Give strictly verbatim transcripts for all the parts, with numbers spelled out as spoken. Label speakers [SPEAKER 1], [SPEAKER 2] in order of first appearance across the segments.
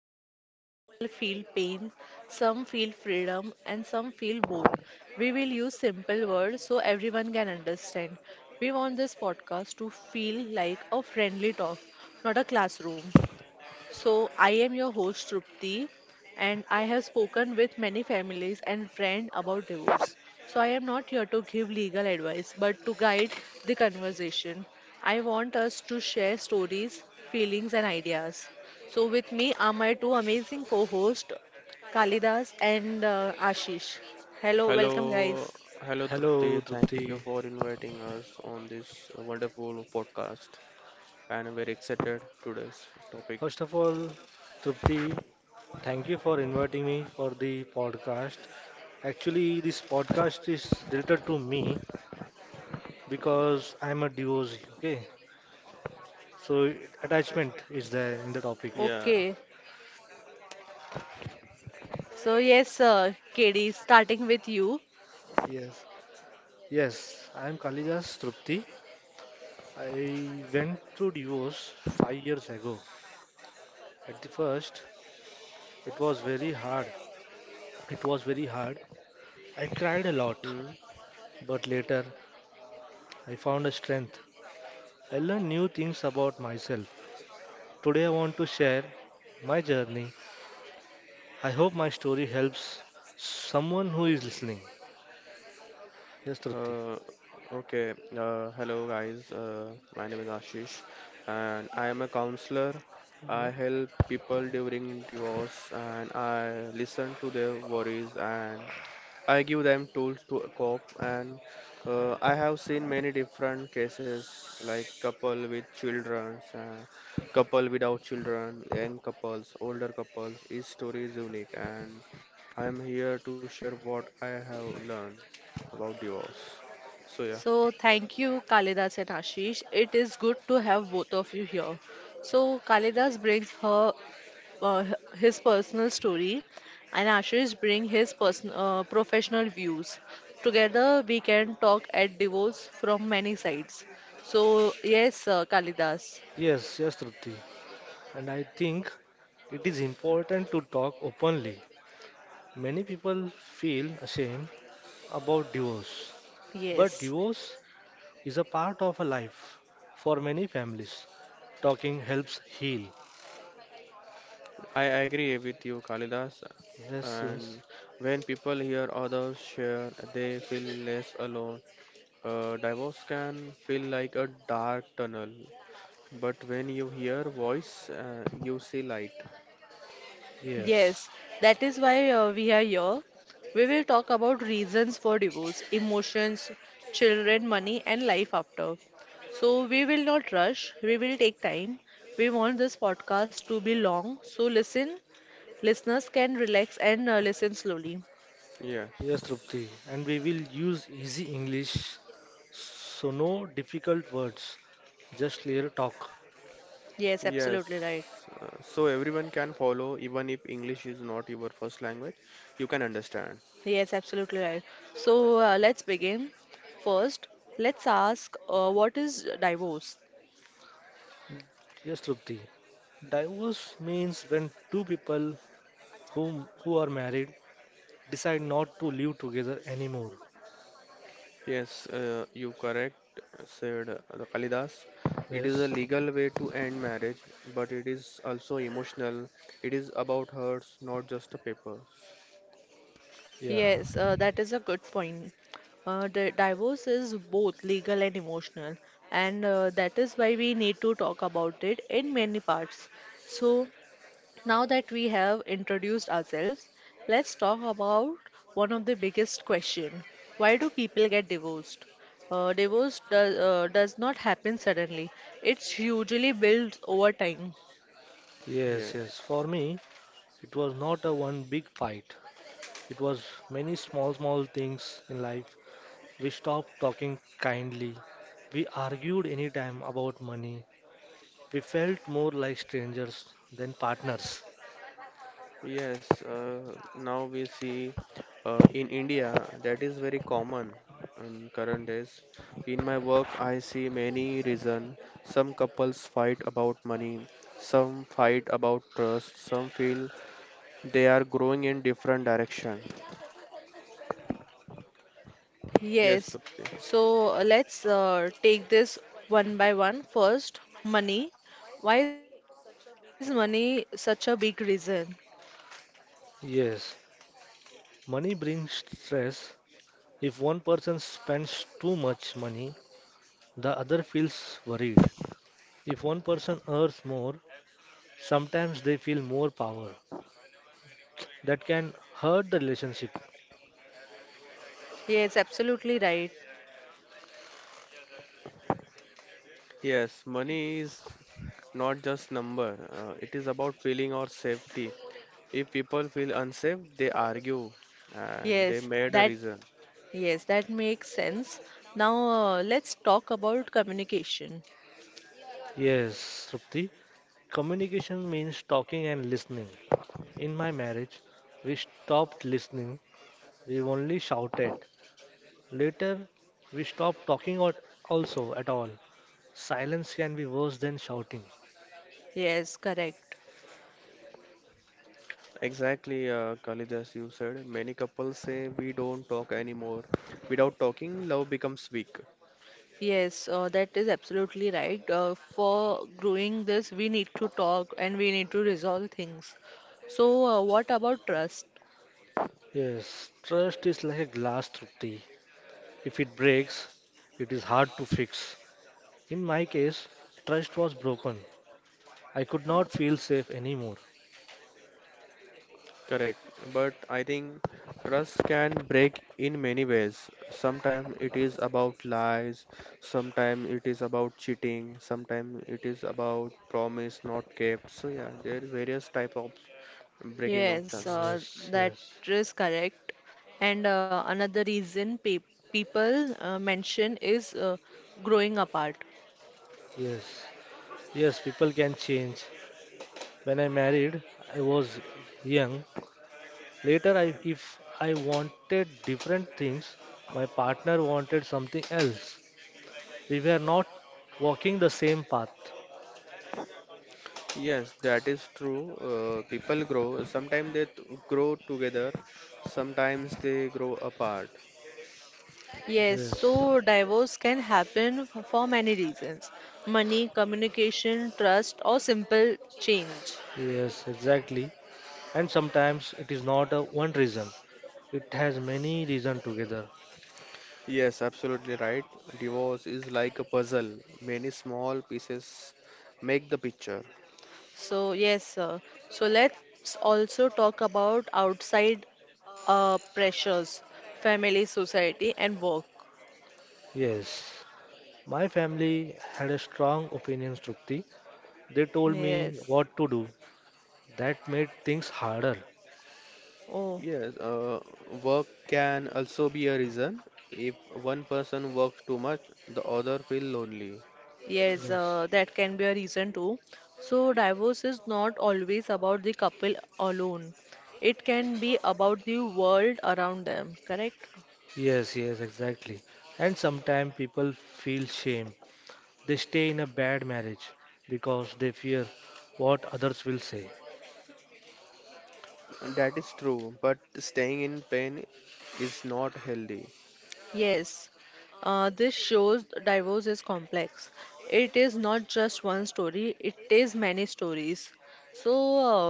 [SPEAKER 1] so some people feel pain, some feel freedom, and some feel both. We will use simple words so everyone can understand. We want this podcast to feel like a friendly talk, not a classroom. So, I am your host Trupti, and I have spoken with many families and friends about divorce. So, I am not here to give legal advice but to guide the conversation. I want us to share stories, feelings, and ideas. So, with me are my two amazing co hosts, Kalidas and uh, Ashish. Hello,
[SPEAKER 2] Hello,
[SPEAKER 1] welcome, guys.
[SPEAKER 2] hello Trupti.
[SPEAKER 3] Hello,
[SPEAKER 2] Thank you
[SPEAKER 3] Trupti.
[SPEAKER 2] for inviting us on this uh, wonderful podcast. And I'm very excited today's topic.
[SPEAKER 3] First of all, Trupti, thank you for inviting me for the podcast. Actually, this podcast is related to me because I'm a divorcee, okay? So, it- attachment is there in the topic.
[SPEAKER 2] Yeah.
[SPEAKER 1] Okay, so yes, uh, K D, starting with you.
[SPEAKER 3] Yes, yes, I'm Kalidas Trupti. I went through divorce five years ago. At the first, it was very hard. It was very hard. I cried a lot,
[SPEAKER 2] Hmm.
[SPEAKER 3] but later I found a strength I learned new things about myself. Today I want to share my journey. I hope my story helps someone who is listening. Yes, Trupti.
[SPEAKER 2] Uh, okay. Uh, hello guys. Uh, my name is Ashish, and I am a counselor. I help people during divorce, and I listen to their worries and I give them tools to cope, and uh, I have seen many different cases like couple with children, uh, couple without children, young couples, older couples. Each story is unique, and I am here to share what I have learned about divorce. So yeah,
[SPEAKER 1] So thank you, Kalidas and Ashish. It is good to have both of you here. So Kalidas brings her uh, his personal story, and Ashish brings his person uh, professional views. Together, we can talk at divorce from many sides. So yes, uh, Kalidas.
[SPEAKER 3] Yes, yes, Trupti, and I think it is important to talk openly. Many people feel ashamed about divorce, but
[SPEAKER 1] Yes.
[SPEAKER 3] divorce is a part of a life for many families. Talking helps heal.
[SPEAKER 2] I agree with you, Kalidas.
[SPEAKER 3] Yes, yes,
[SPEAKER 2] And when people hear others share, they feel less alone. Uh, divorce can feel like a dark tunnel. But when you hear voice, uh, you see light.
[SPEAKER 3] yes,
[SPEAKER 1] Yes, that is why uh, we are here. We will talk about reasons for divorce, emotions, children, money, and life after. So, we will not rush, we will take time. We want this podcast to be long, so listen, listeners can relax and uh, listen slowly.
[SPEAKER 2] Yes.
[SPEAKER 3] yes, Trupti. And we will use easy English. So no difficult words, just clear talk.
[SPEAKER 1] Yes, absolutely right.
[SPEAKER 2] Yes. Uh, so everyone can follow, even if English is not your first language, you can understand.
[SPEAKER 1] Yes, absolutely right. So, uh, let's begin. First, let's ask uh, what is divorce?
[SPEAKER 3] Yes, Trupti. Divorce means when two people whom who are married decide not to live together anymore.
[SPEAKER 2] Yes, uh, you correct, said uh, the Kalidas. It is a
[SPEAKER 3] Yes.
[SPEAKER 2] legal way to end marriage, but it is also emotional. It is about hurts, not just the papers.
[SPEAKER 3] Yeah.
[SPEAKER 1] Yes, uh, that is a good point. Uh, the divorce is both legal and emotional, and uh, that is why we need to talk about it in many parts. So, now that we have introduced ourselves, let's talk about one of the biggest question. Why do people get divorced? Uh, divorce does, uh, does not happen suddenly. It's usually built over time.
[SPEAKER 3] Yes,
[SPEAKER 2] Yes.
[SPEAKER 3] yes. For me, it was not a one big fight. It was many small small things in life. We stopped talking kindly. We argued anytime about money. We felt more like strangers than partners.
[SPEAKER 2] Yes, uh, now we see uh, in India that is very common in current days. In my work, I see many reason. Some couples fight about money, some fight about trust, some feel they are growing in different direction. Yes,
[SPEAKER 1] Yes.
[SPEAKER 2] Trupti.
[SPEAKER 1] So uh, let's uh, take this one by one. First, money. Why is money such a big reason?
[SPEAKER 3] Yes, money brings stress. If one person spends too much money, the other feels worried. If one person earns more, sometimes they feel more power. That can hurt the relationship.
[SPEAKER 1] Yes, absolutely right.
[SPEAKER 2] Yes, money is not just number. Uh, it is about feeling or safety. If people feel unsafe, they argue and they
[SPEAKER 1] Yes,
[SPEAKER 2] made a
[SPEAKER 1] that
[SPEAKER 2] reason.
[SPEAKER 1] yes, that makes sense. Now uh, let's talk about communication.
[SPEAKER 3] Yes, Trupti, communication means talking and listening. In my marriage, we stopped listening, we only shouted. Later, we stopped talking or also at all. Silence can be worse than shouting.
[SPEAKER 1] Yes, correct.
[SPEAKER 2] Exactly, uh, Khalid, you said, many couples say we don't talk anymore. Without talking, love becomes weak.
[SPEAKER 1] Yes, uh, that is absolutely right. Uh, for growing this, we need to talk and we need to resolve things. So, uh, what about trust?
[SPEAKER 3] Yes, trust is like a glass, Trupti. If it breaks, it is hard to fix. In my case, trust was broken. I could not feel safe anymore.
[SPEAKER 2] Correct. But I think trust can break in many ways. Sometimes it is about lies, sometimes it is about cheating, sometimes it is about promise not kept. So yeah, there are various type of breaking of
[SPEAKER 1] Yes,
[SPEAKER 2] trust.
[SPEAKER 1] uh,
[SPEAKER 3] Yes,
[SPEAKER 1] that
[SPEAKER 3] yes,
[SPEAKER 1] is correct. And uh, another reason pe people uh, mention is uh, growing apart.
[SPEAKER 3] yes, yes, people can change. When I married, I was young. Later, I, if I wanted different things, my partner wanted something else. We were not walking the same path.
[SPEAKER 2] Yes, that is true. Uh, people grow. Sometimes they t- grow together, sometimes they grow apart.
[SPEAKER 1] Yes,
[SPEAKER 3] Yes.
[SPEAKER 1] so divorce can happen f for many reasons. Money, communication, trust, or simple change.
[SPEAKER 3] Yes, exactly. And sometimes it is not a one reason. It has many reasons together.
[SPEAKER 2] Yes, absolutely right. Divorce is like a puzzle. Many small pieces make the picture.
[SPEAKER 1] So yes, uh, so let's also talk about outside uh, pressures, family, society, and work.
[SPEAKER 3] Yes. My family had a strong opinion, Trupti. They told me
[SPEAKER 1] Yes.
[SPEAKER 3] what to do. That made things harder.
[SPEAKER 1] Oh.
[SPEAKER 2] Yes, uh, work can also be a reason. If one person works too much, the other feel lonely.
[SPEAKER 1] Yes,
[SPEAKER 3] Yes.
[SPEAKER 1] uh, that can be a reason too. So, divorce is not always about the couple alone. It can be about the world around them, correct?
[SPEAKER 3] Yes, yes, exactly. And sometimes people feel shame. They stay in a bad marriage because they fear what others will say.
[SPEAKER 2] That is true, but staying in pain is not healthy.
[SPEAKER 1] Yes. Uh, this shows divorce is complex. It is not just one story, it is many stories. So,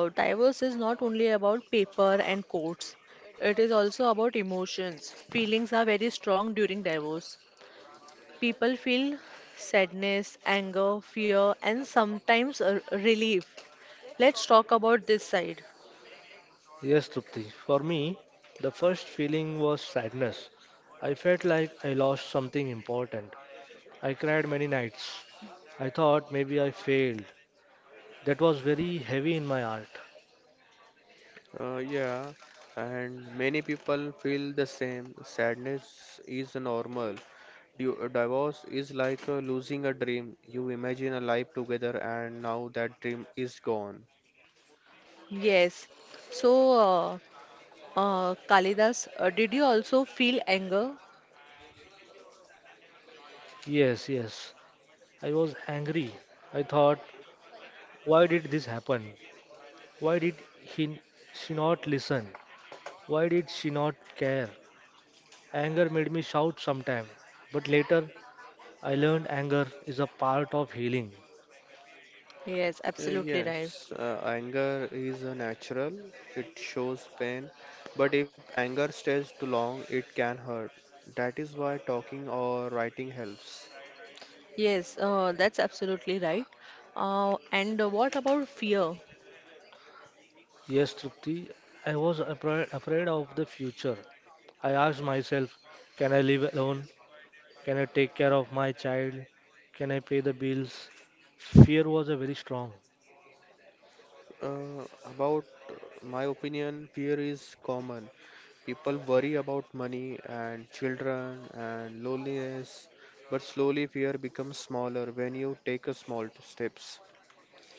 [SPEAKER 1] uh, divorce is not only about paper and courts, it is also about emotions. Feelings are very strong during divorce. People feel sadness, anger, fear, and sometimes uh, relief. Let's talk about this side.
[SPEAKER 3] Yes, Trupti. For me, the first feeling was sadness. I felt like I lost something important. I cried many nights. I thought maybe I failed. That was very heavy in my heart.
[SPEAKER 2] Uh, yeah, and many people feel the same. Sadness is normal. You, a divorce is like uh, losing a dream. You imagine a life together, and now that dream is gone.
[SPEAKER 1] Yes. So, uh, uh, Kalidas, uh, did you also feel anger?
[SPEAKER 3] Yes, yes. I was angry. I thought, why did this happen? Why did he, she not listen? Why did she not care? Anger made me shout sometime, but later I learned anger is a part of healing.
[SPEAKER 1] Yes,
[SPEAKER 2] Uh,
[SPEAKER 1] absolutely right.
[SPEAKER 2] yes, uh, anger is uh, natural, it shows pain, but if anger stays too long, it can hurt. That is why talking or writing helps.
[SPEAKER 1] Yes, uh, that's absolutely right. Uh, and uh, what about fear?
[SPEAKER 3] Yes, Trupti, I was afraid, afraid of the future. I asked myself, can I live alone? Can I take care of my child? Can I pay the bills? Fear was a very strong.
[SPEAKER 2] Uh, about uh, my opinion, fear is common. People worry about money and children and loneliness, but slowly fear becomes smaller when you take a small t- steps.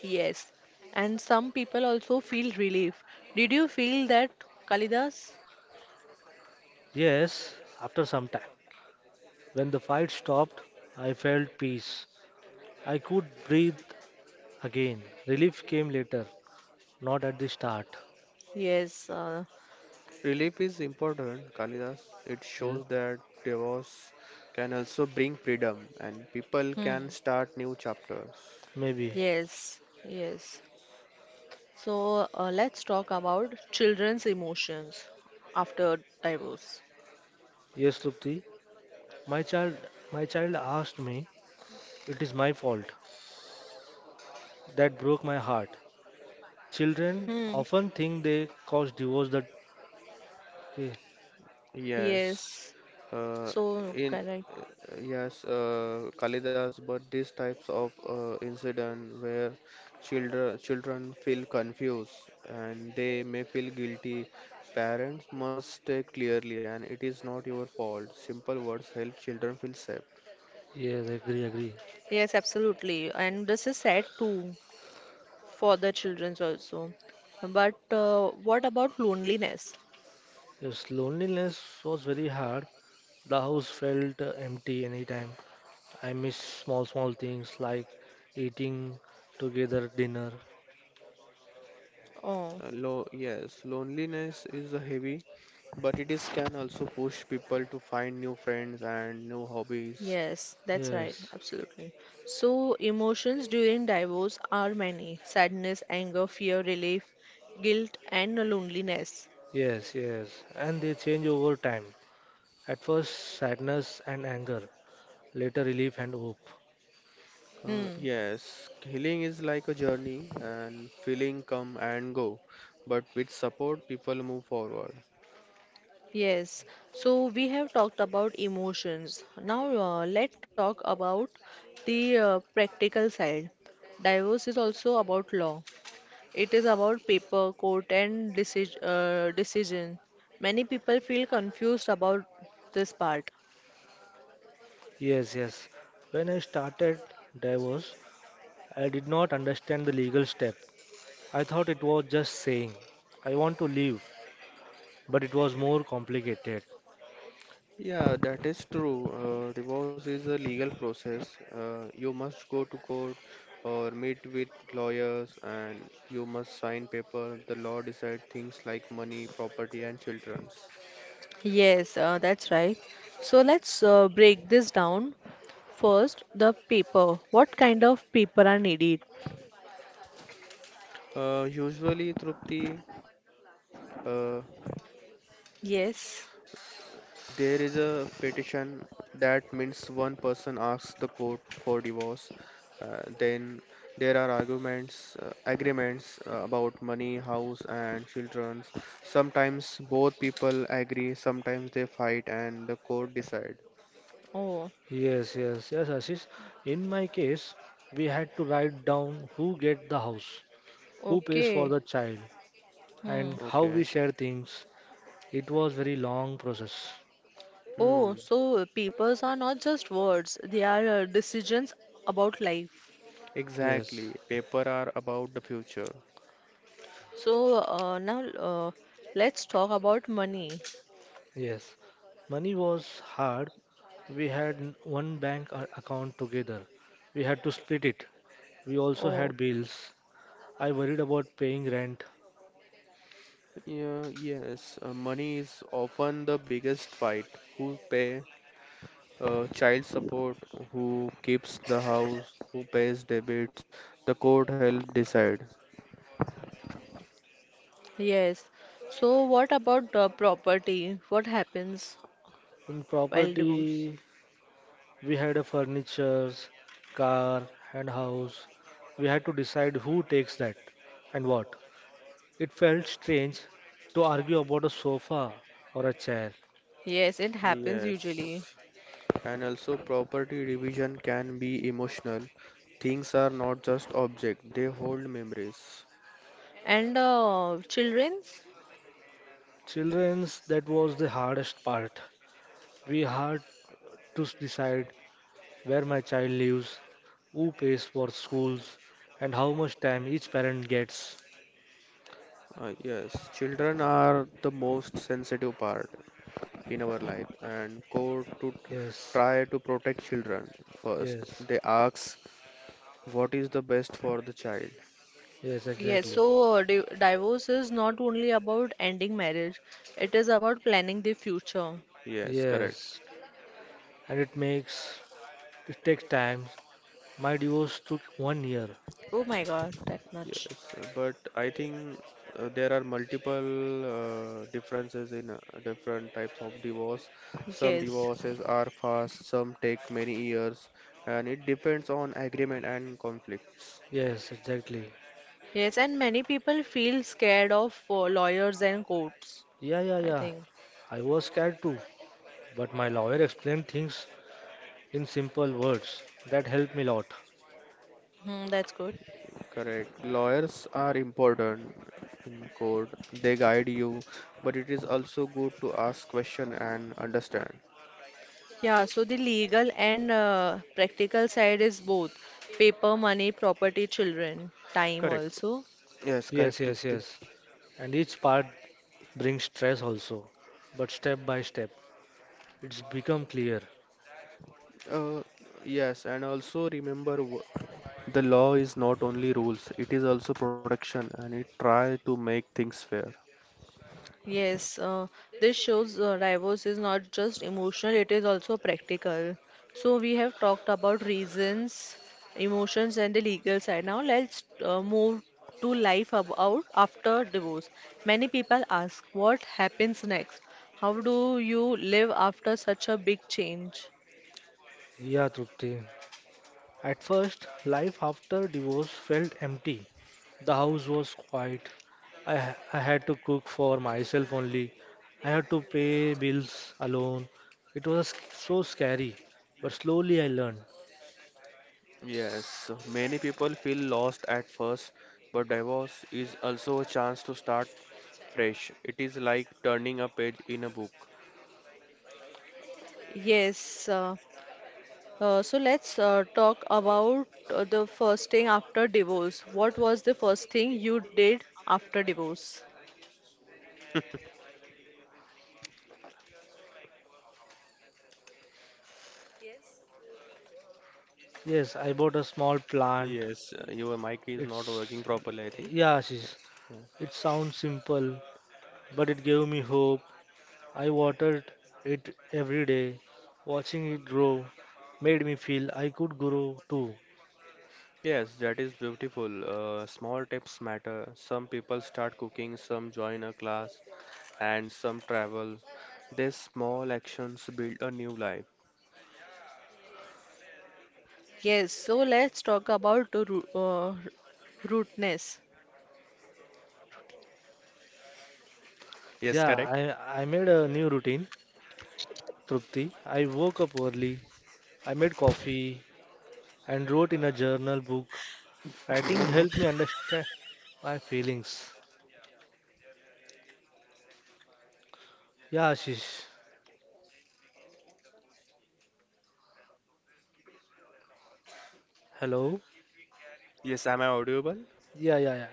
[SPEAKER 1] Yes. And some people also feel relief. Did you feel that, Kalidas?
[SPEAKER 3] Yes, after some time, when the fight stopped, I felt peace. I could breathe again. Relief came later, not at the start.
[SPEAKER 1] Yes. Uh,
[SPEAKER 2] Relief is important, Kalidas. It
[SPEAKER 3] Yeah,
[SPEAKER 2] shows that divorce can also bring freedom and people
[SPEAKER 1] hmm.
[SPEAKER 2] can start new chapters.
[SPEAKER 3] maybe.
[SPEAKER 1] Yes. Yes. So uh, let's talk about children's emotions after divorce.
[SPEAKER 3] Yes, Trupti. My child, my child asked me, it is my fault. That broke my heart. Children
[SPEAKER 1] Hmm.
[SPEAKER 3] often think they cause divorce that Ye-
[SPEAKER 2] Yes,
[SPEAKER 1] Yes,
[SPEAKER 2] uh,
[SPEAKER 1] so
[SPEAKER 2] in
[SPEAKER 1] correct.
[SPEAKER 2] uh, yes, uh, Kalidas, but these types of uh, incident where children children feel confused and they may feel guilty, parents must state clearly, and it is not your fault. Simple words help children feel safe.
[SPEAKER 3] yes, agree, agree.
[SPEAKER 1] Yes, absolutely. And this is sad too for the children's also. But uh, what about loneliness?
[SPEAKER 3] Yes, loneliness was very hard. The house felt uh, empty anytime. I miss small, small things like eating together dinner.
[SPEAKER 1] Oh,
[SPEAKER 2] Uh, lo yes, loneliness is a heavy, but it is can also push people to find new friends and new hobbies.
[SPEAKER 1] yes, that's right.
[SPEAKER 3] Yes,
[SPEAKER 1] Absolutely. So emotions during divorce are many: sadness, anger, fear, relief, guilt, and loneliness.
[SPEAKER 3] yes, yes. And they change over time. At first, sadness and anger, later, relief and hope.
[SPEAKER 2] Uh,
[SPEAKER 1] Hmm.
[SPEAKER 2] yes, healing is like a journey and feeling come and go, but with support, people move forward.
[SPEAKER 1] Yes, so we have talked about emotions. Now uh, let's talk about the uh, practical side. Divorce is also about law. It is about paper, court, and deci- uh, decision. Many people feel confused about this part.
[SPEAKER 3] Yes, yes. When I started divorce, I did not understand the legal step. I thought it was just saying, I want to leave, but it was more complicated.
[SPEAKER 2] Yeah, that is true. Uh, divorce is a legal process. Uh, you must go to court or meet with lawyers and you must sign paper. The law decide things like money, property and children's.
[SPEAKER 1] Yes, uh, that's right. So let's uh, break this down. First, the paper. What kind of paper are needed?
[SPEAKER 2] Uh, usually, Trupti, uh,
[SPEAKER 1] Yes.
[SPEAKER 2] There is a petition that means one person asks the court for divorce. Uh, then there are arguments, uh, agreements uh, about money, house, and children. Sometimes both people agree, sometimes they fight, and the court decide.
[SPEAKER 1] Oh,
[SPEAKER 3] Yes, yes, yes, Ashish. In my case, we had to write down who get the house, who pays for
[SPEAKER 1] okay.
[SPEAKER 3] the child,
[SPEAKER 1] Hmm.
[SPEAKER 3] and how
[SPEAKER 2] Okay.
[SPEAKER 3] we share things. It was very long process.
[SPEAKER 1] Oh,
[SPEAKER 2] Hmm.
[SPEAKER 1] so papers are not just words, they are uh, decisions about life.
[SPEAKER 3] Yes,
[SPEAKER 2] Exactly. Paper are about the future.
[SPEAKER 1] So uh, now uh, let's talk about money.
[SPEAKER 3] yes. Money was hard. We had n- one bank a- account together. We had to split it. We also had
[SPEAKER 1] Oh,
[SPEAKER 3] bills. I worried about paying rent.
[SPEAKER 2] Yeah, yes, uh, money is often the biggest fight. Who pay uh, child support, who keeps the house, who pays debits, the court help decide.
[SPEAKER 1] yes. So what about uh, property? What happens
[SPEAKER 3] In
[SPEAKER 1] while divorce?
[SPEAKER 3] property, we had a furnitures, car, and house. We had to decide who takes that and what. It felt strange to argue about a sofa or a chair.
[SPEAKER 1] Yes, it happens usually.
[SPEAKER 2] Yes, and also property division can be emotional. Things are not just objects, they hold memories.
[SPEAKER 1] And uh, children's?
[SPEAKER 3] Children's, that was the hardest part. We had to s- decide where my child lives, who pays for schools, and how much time each parent gets.
[SPEAKER 2] Uh, yes, children are the most sensitive part in our life, and court to
[SPEAKER 3] Yes,
[SPEAKER 2] try to protect children first.
[SPEAKER 3] yes,
[SPEAKER 2] They ask what is the best for the child.
[SPEAKER 3] yes,
[SPEAKER 1] Yes,
[SPEAKER 3] exactly.
[SPEAKER 1] so uh, di divorce is not only about ending marriage, it is about planning the future.
[SPEAKER 2] Yes, correct.
[SPEAKER 3] Yes, and it makes it takes time. My divorce took one year.
[SPEAKER 1] Oh my God, that much.
[SPEAKER 2] Yes, uh, but I think uh, there are multiple uh, differences in uh, different types of divorce. Some
[SPEAKER 1] Yes.
[SPEAKER 2] divorces are fast, some take many years, and it depends on agreement and conflicts.
[SPEAKER 3] Yes, exactly.
[SPEAKER 1] Yes, and many people feel scared of uh, lawyers and courts,
[SPEAKER 3] Yeah, yeah,
[SPEAKER 1] I
[SPEAKER 3] yeah.
[SPEAKER 1] think.
[SPEAKER 3] I was scared too, but my lawyer explained things in simple words that helped me a lot.
[SPEAKER 1] Hmm, that's good.
[SPEAKER 2] Correct. Lawyers are important in court. They guide you, but it is also good to ask question and understand.
[SPEAKER 1] Yeah, so the legal and uh, practical side is both paper, money, property, children, time
[SPEAKER 2] Correct.
[SPEAKER 1] also.
[SPEAKER 2] Yes,
[SPEAKER 3] Yes,
[SPEAKER 2] correct,
[SPEAKER 3] yes,
[SPEAKER 2] Trupti.
[SPEAKER 3] yes. And each part brings stress also, but step by step, it's become clear.
[SPEAKER 2] Uh, yes, and also remember, the law is not only rules, it is also protection and it try to make things fair.
[SPEAKER 1] Yes, uh, this shows uh, divorce is not just emotional, it is also practical. So, we have talked about reasons, emotions, and the legal side. Now, let's uh, move to life about after divorce. Many people ask, what happens next? How do you live after such a big change?
[SPEAKER 3] Yeah, Trupti. At first, life after divorce felt empty. The house was quiet. I, ha- I had to cook for myself only. I had to pay bills alone. It was so scary, but slowly I learned.
[SPEAKER 2] Yes, so many people feel lost at first, but divorce is also a chance to start fresh. It is like turning a page in a book.
[SPEAKER 1] Yes, uh, uh, so let's uh, talk about uh, the first thing after divorce. What was the first thing you did after divorce?
[SPEAKER 3] Yes, I bought a small plant.
[SPEAKER 2] Yes, uh, your mic is not
[SPEAKER 3] It's,
[SPEAKER 2] working properly, I think.
[SPEAKER 3] yeah, Ashish,
[SPEAKER 2] Yes. Yes.
[SPEAKER 3] it sounds simple, but it gave me hope. I watered it every day. Watching it grow made me feel I could grow too.
[SPEAKER 2] Yes, that is beautiful. Uh, small tips matter. Some people start cooking, some join a class, and some travel. These small actions build a new life.
[SPEAKER 1] Yes, so let's talk about the ru- uh, rudeness.
[SPEAKER 2] Yes,
[SPEAKER 3] Yeah,
[SPEAKER 2] correct.
[SPEAKER 3] I, I made a new routine, Trupti. I woke up early, I made coffee, and wrote in a journal book. Writing helped me understand my feelings. Yeah, Ashish. Hello?
[SPEAKER 2] Yes, am I audible?
[SPEAKER 3] Yeah, yeah, yeah.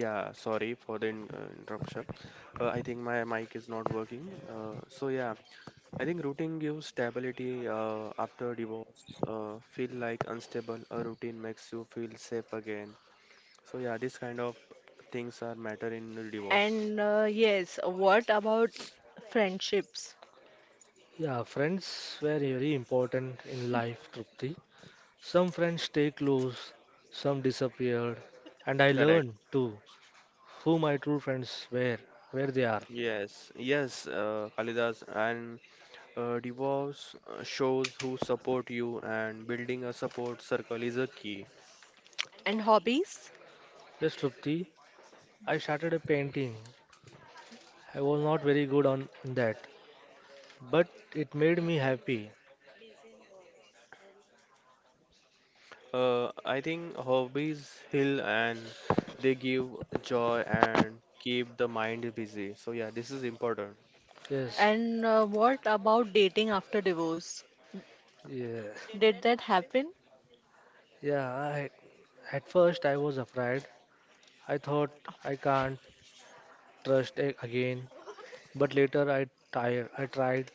[SPEAKER 2] Yeah, sorry for the in uh, interruption. Uh, I think my mic is not working. Uh, so yeah, I think routine gives stability uh, after divorce. Uh, feel like unstable, a routine makes you feel safe again. So yeah, this kind of things are matter in the divorce.
[SPEAKER 1] And uh, yes, what about friendships
[SPEAKER 3] Yeah, friends were very important in life, Trupti. Some friends stay close, some disappeared, and I
[SPEAKER 2] Correct.
[SPEAKER 3] learned too who my true friends were, where they are.
[SPEAKER 2] Yes, yes, uh, Kalidas, and uh, divorce uh, shows who support you, and building a support circle is a key.
[SPEAKER 1] and hobbies?
[SPEAKER 3] Yes, Trupti, I started a painting. I was not very good on that, but it made me happy.
[SPEAKER 2] Uh, I think hobbies heal and they give joy and keep the mind busy. So yeah, this is important.
[SPEAKER 3] Yes,
[SPEAKER 1] And uh, what about dating after divorce?
[SPEAKER 3] yeah,
[SPEAKER 1] Did that happen?
[SPEAKER 3] yeah. I, at first, I was afraid. I thought I can't trust a- again, but later I tired. I tried.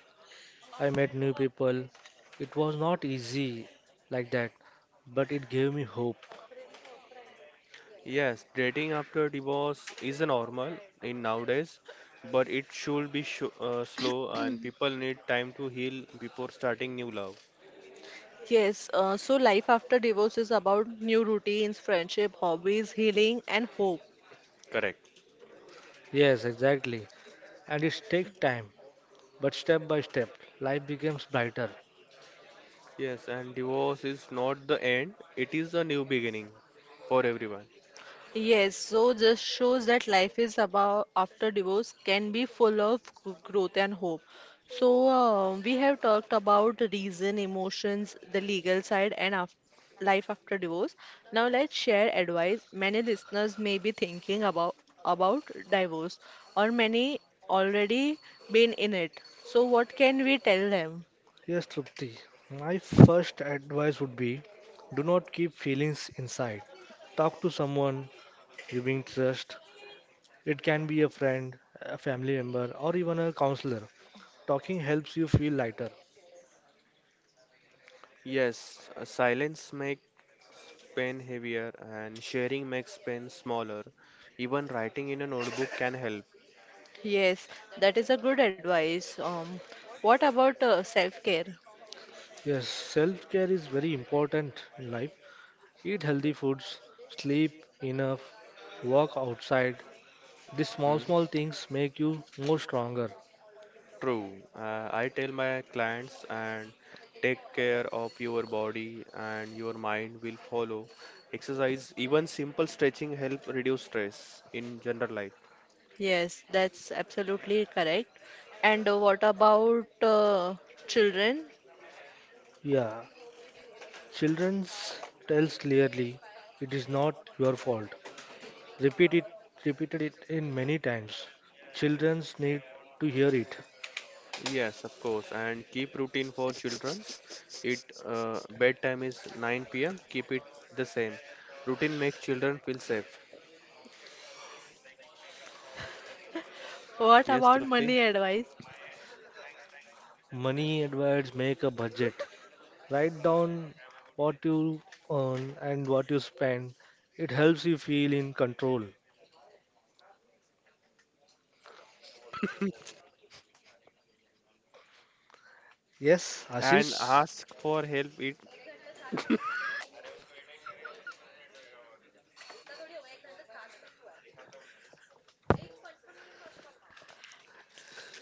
[SPEAKER 3] I met new people. It was not easy like that, but it gave me hope.
[SPEAKER 2] Yes, dating after divorce is a normal in nowadays, but it should be sh uh, slow and people need time to heal before starting new love.
[SPEAKER 1] Yes, uh, so life after divorce is about new routines, friendship, hobbies, healing, and hope.
[SPEAKER 2] Correct.
[SPEAKER 3] Yes, exactly. And it takes time, but step by step, life becomes brighter.
[SPEAKER 2] Yes, and divorce is not the end, it is a new beginning for everyone.
[SPEAKER 1] Yes, so this shows that life is about after divorce can be full of g- growth and hope. So uh, we have talked about the reason, emotions, the legal side, and af life after divorce. Now let's share advice. Many listeners may be thinking about about divorce, or many already been in it. So what can we tell them?
[SPEAKER 3] Yes, Trupti, my first advice would be do not keep feelings inside. Talk to someone you being trust. It can be a friend, a family member, or even a counselor. Talking helps you feel lighter.
[SPEAKER 2] Yes, uh, silence make pen heavier and sharing makes pen smaller. Even writing in a notebook can help.
[SPEAKER 1] Yes, that is a good advice. Um, what about uh, self-care?
[SPEAKER 3] Yes, self care is very important in life. Eat healthy foods, sleep enough, walk outside. These small,
[SPEAKER 2] Hmm,
[SPEAKER 3] small things make you more stronger.
[SPEAKER 2] true. Uh, I tell my clients and take care of your body and your mind will follow. Exercise, even simple stretching help reduce stress in general life.
[SPEAKER 1] Yes, that's absolutely correct. And uh, what about uh, children?
[SPEAKER 3] Yeah, children's tells clearly it is not your fault. Repeat it, repeated it in many times. Children's need to hear it.
[SPEAKER 2] Yes, of course. And keep routine for children's. It uh, bedtime is nine p m. Keep it the same. Routine makes children feel safe.
[SPEAKER 1] What
[SPEAKER 2] Yes,
[SPEAKER 1] about
[SPEAKER 2] Trupti.
[SPEAKER 1] money advice?
[SPEAKER 3] Money advice, make a budget. Write down what you earn and what you spend. It helps you feel in control. Yes,
[SPEAKER 2] And
[SPEAKER 3] Ashish.
[SPEAKER 2] ask for help it.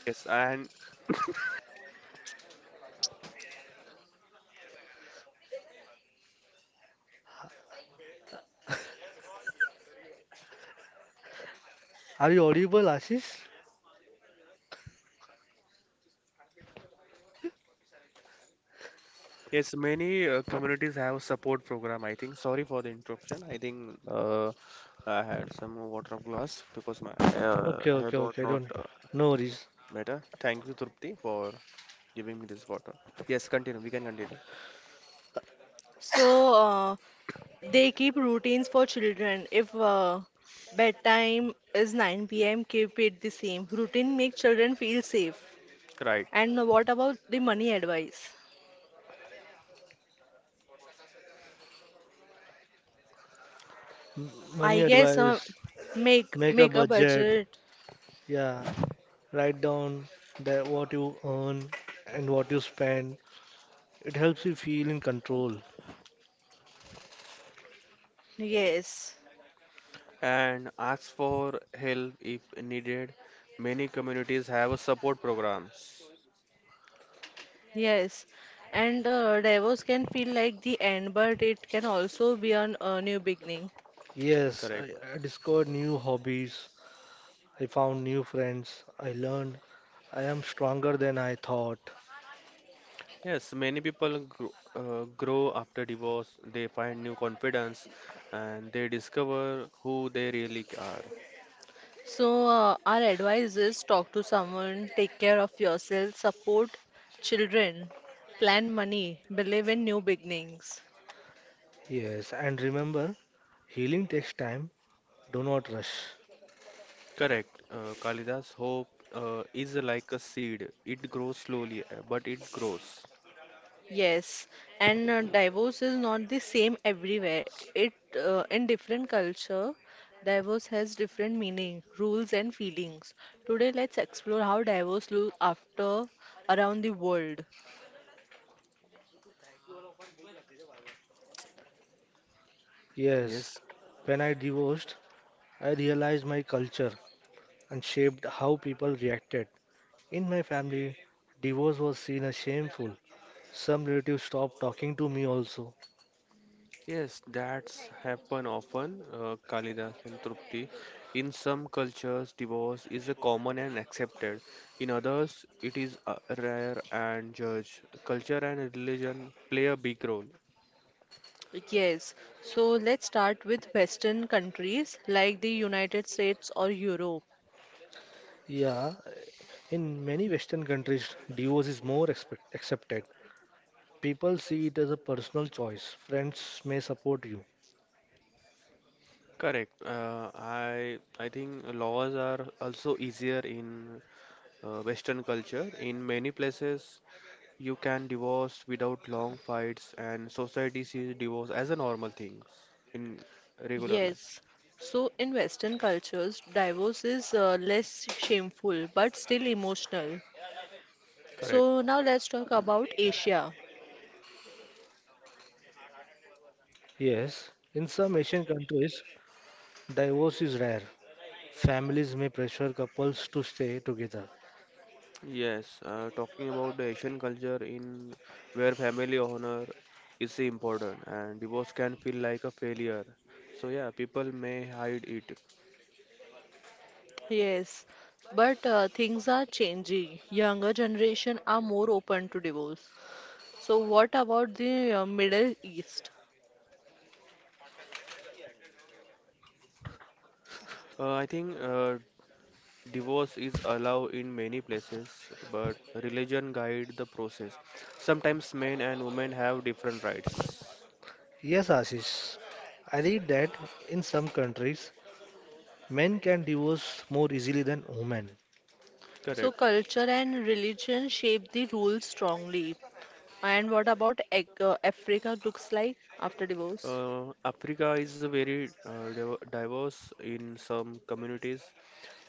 [SPEAKER 2] Yes. And
[SPEAKER 3] Are you audible, Ashish?
[SPEAKER 2] yes, many uh, communities have support program, I think. Sorry for the interruption. I think uh, I had some water of glass because my uh,
[SPEAKER 3] Okay,
[SPEAKER 2] head
[SPEAKER 3] okay,
[SPEAKER 2] was
[SPEAKER 3] okay.
[SPEAKER 2] not
[SPEAKER 3] Don't.
[SPEAKER 2] uh,
[SPEAKER 3] No worries.
[SPEAKER 2] better. Thank you, Trupti, for giving me this water. Yes, continue. We can continue.
[SPEAKER 1] So uh, they keep routines for children. If uh, bedtime is nine p m, keep it the same. Routine make children feel safe.
[SPEAKER 2] Right.
[SPEAKER 1] And what about the money advice?
[SPEAKER 3] M- Money
[SPEAKER 1] I guess uh,
[SPEAKER 3] advice.
[SPEAKER 1] make
[SPEAKER 3] Make a
[SPEAKER 1] make a
[SPEAKER 3] budget.
[SPEAKER 1] budget.
[SPEAKER 3] Yeah. Write down that what you earn and what you spend. It helps you feel in control.
[SPEAKER 1] Yes,
[SPEAKER 2] And ask for help if needed. Many communities have a support programs.
[SPEAKER 1] yes. And uh, divorce can feel like the end, but it can also be an, a new beginning.
[SPEAKER 3] Yes,
[SPEAKER 2] Correct.
[SPEAKER 3] I, I discovered new hobbies. I found new friends. I learned I am stronger than I thought.
[SPEAKER 2] Yes, many people grow, uh, grow after divorce. They find new confidence and they discover who they really are.
[SPEAKER 1] So, uh, our advice is talk to someone, take care of yourself, support children, plan money, believe in new beginnings.
[SPEAKER 3] Yes, and remember, healing takes time. Do not rush.
[SPEAKER 2] Correct. Uh, Kalidas, hope uh, is like a seed. It grows slowly, uh, but it grows.
[SPEAKER 1] Yes, and uh, divorce is not the same everywhere. It uh, In different culture, divorce has different meaning, rules and feelings. Today, let's explore how divorce looks after around the world.
[SPEAKER 3] Yes,
[SPEAKER 2] Yes.
[SPEAKER 3] when I divorced, I realized my culture and shaped how people reacted. In my family, divorce was seen as shameful. Some relatives stopped talking to me also.
[SPEAKER 2] Yes, that's happen often, uh, Kalidas and Trupti. In some cultures, divorce is a common and accepted. In others, it is uh, rare and judged. Culture and religion play a big role.
[SPEAKER 1] Yes, so let's start with Western countries like the United States or Europe.
[SPEAKER 3] Yeah, in many Western countries, divorce is more expect accepted. People see it as a personal choice. Friends may support you.
[SPEAKER 2] Correct. Uh, I I think laws are also easier in uh, Western culture. In many places, you can divorce without long fights, and society sees divorce as a normal thing in regular life.
[SPEAKER 1] Yes. So in Western cultures, divorce is uh, less shameful but still emotional.
[SPEAKER 2] Correct.
[SPEAKER 1] So now let's talk about Asia.
[SPEAKER 3] Yes, in some Asian countries, divorce is rare. Families may pressure couples to stay together.
[SPEAKER 2] Yes, uh, talking about the Asian culture in where family honor is important and divorce can feel like a failure. So yeah, people may hide it.
[SPEAKER 1] Yes. But uh, things are changing. Younger generation are more open to divorce. So what about the uh, Middle East?
[SPEAKER 2] Uh, I think uh, Divorce is allowed in many places, but religion guide the process. Sometimes men and women have different rights.
[SPEAKER 3] Yes, Ashish, I read that in some countries, men can divorce more easily than women.
[SPEAKER 1] So
[SPEAKER 2] Correct.
[SPEAKER 1] culture and religion shape the rules strongly. And what about Ac- uh, Africa looks like after divorce?
[SPEAKER 2] Uh, Africa is very uh, div- diverse. In some communities,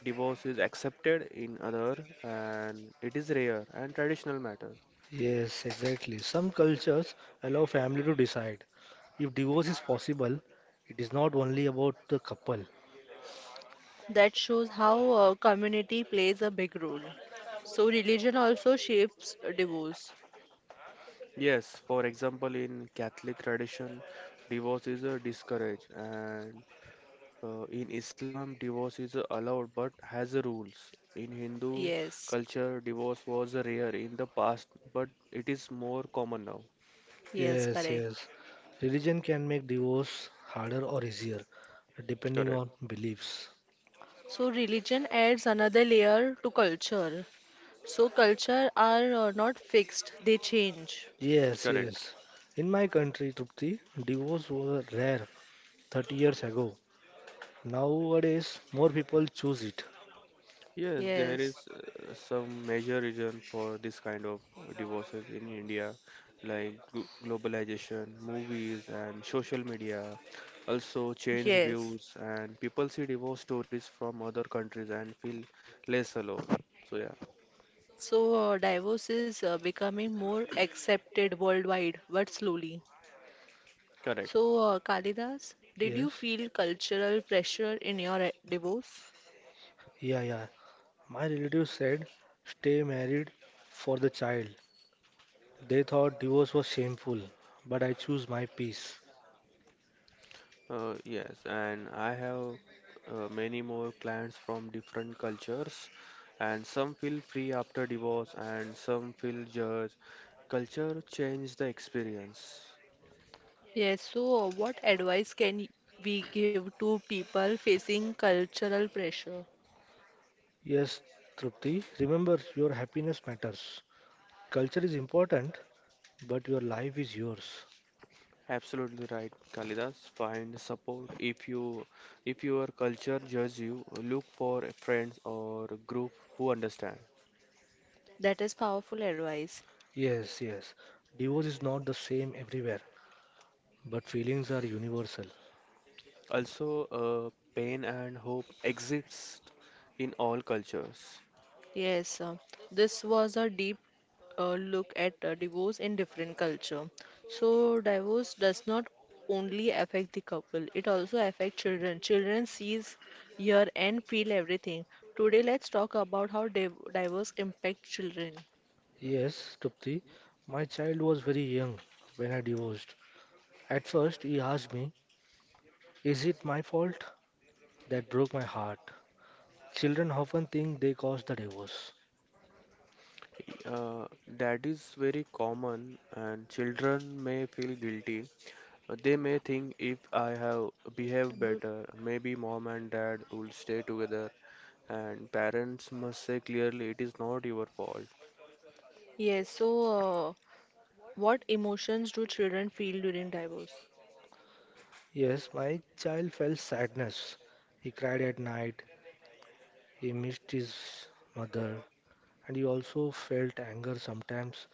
[SPEAKER 2] divorce is accepted. In other, and it is rare and traditional matter.
[SPEAKER 3] Yes, exactly. Some cultures allow family to decide. If divorce is possible, it is not only about the couple.
[SPEAKER 1] That shows how uh, community plays a big role. So religion also shapes divorce.
[SPEAKER 2] Yes, for example, in Catholic tradition, divorce is uh, discouraged, and Uh, in Islam, divorce is allowed but has rules. In Hindu
[SPEAKER 1] Yes,
[SPEAKER 2] culture, divorce was rare in the past, but it is more common now.
[SPEAKER 1] yes,
[SPEAKER 3] Yes,
[SPEAKER 1] correct.
[SPEAKER 3] yes. Religion can make divorce harder or easier, depending
[SPEAKER 2] Correct,
[SPEAKER 3] on beliefs.
[SPEAKER 1] So religion adds another layer to culture. So culture are uh, not fixed, they change.
[SPEAKER 3] Yes,
[SPEAKER 2] correct.
[SPEAKER 3] yes. In my country, Trupti, divorce was rare thirty years ago. Nowadays, more people choose it.
[SPEAKER 2] Yes, there
[SPEAKER 1] Yes,
[SPEAKER 2] is uh, some major reason for this kind of uh, divorces in India, like glo- globalization, movies, and social media. Also, change
[SPEAKER 1] yes.
[SPEAKER 2] views, and people see divorce stories from other countries and feel less alone. So, yeah.
[SPEAKER 1] So uh, divorce is uh, becoming more accepted worldwide, but slowly.
[SPEAKER 2] Correct.
[SPEAKER 1] So uh, Kalidas, did you
[SPEAKER 3] Yes,
[SPEAKER 1] feel cultural pressure in your uh, divorce?
[SPEAKER 3] yeah, yeah. My relative said, stay married for the child. They thought divorce was shameful, but I choose my peace.
[SPEAKER 2] Uh, yes, and I have uh, many more clients from different cultures, and some feel free after divorce, and some feel judged. Culture change the experience.
[SPEAKER 1] Yes, so what advice can we give to people facing cultural pressure?
[SPEAKER 3] Yes, Trupti, remember your happiness matters. Culture is important, but your life is yours.
[SPEAKER 2] Absolutely right, Kalidas. Find support if you if your culture judge you. Look for friends or group who understand.
[SPEAKER 1] That is powerful advice.
[SPEAKER 3] Yes, yes. Divorce is not the same everywhere, but feelings are universal.
[SPEAKER 2] Also, uh, pain and hope exists in all cultures.
[SPEAKER 1] Yes, uh, this was a deep uh, look at uh, divorce in different culture. So divorce does not only affect the couple, it also affects children. Children sees, hear and feel everything. Today let's talk about how div divorce impacts children.
[SPEAKER 3] Yes, Trupti, my child was very young when I divorced. At first, he asked me, is it my fault? That broke my heart. Children often think they caused the divorce.
[SPEAKER 2] Uh, that is very common, and children may feel guilty. Uh, They may think if I have behaved better, maybe mom and dad will stay together, and parents must say clearly it is not your fault.
[SPEAKER 1] Yes, so uh, what emotions do children feel during divorce?
[SPEAKER 3] Yes, my child felt sadness. He cried at night, he missed his mother and he also felt anger sometimes.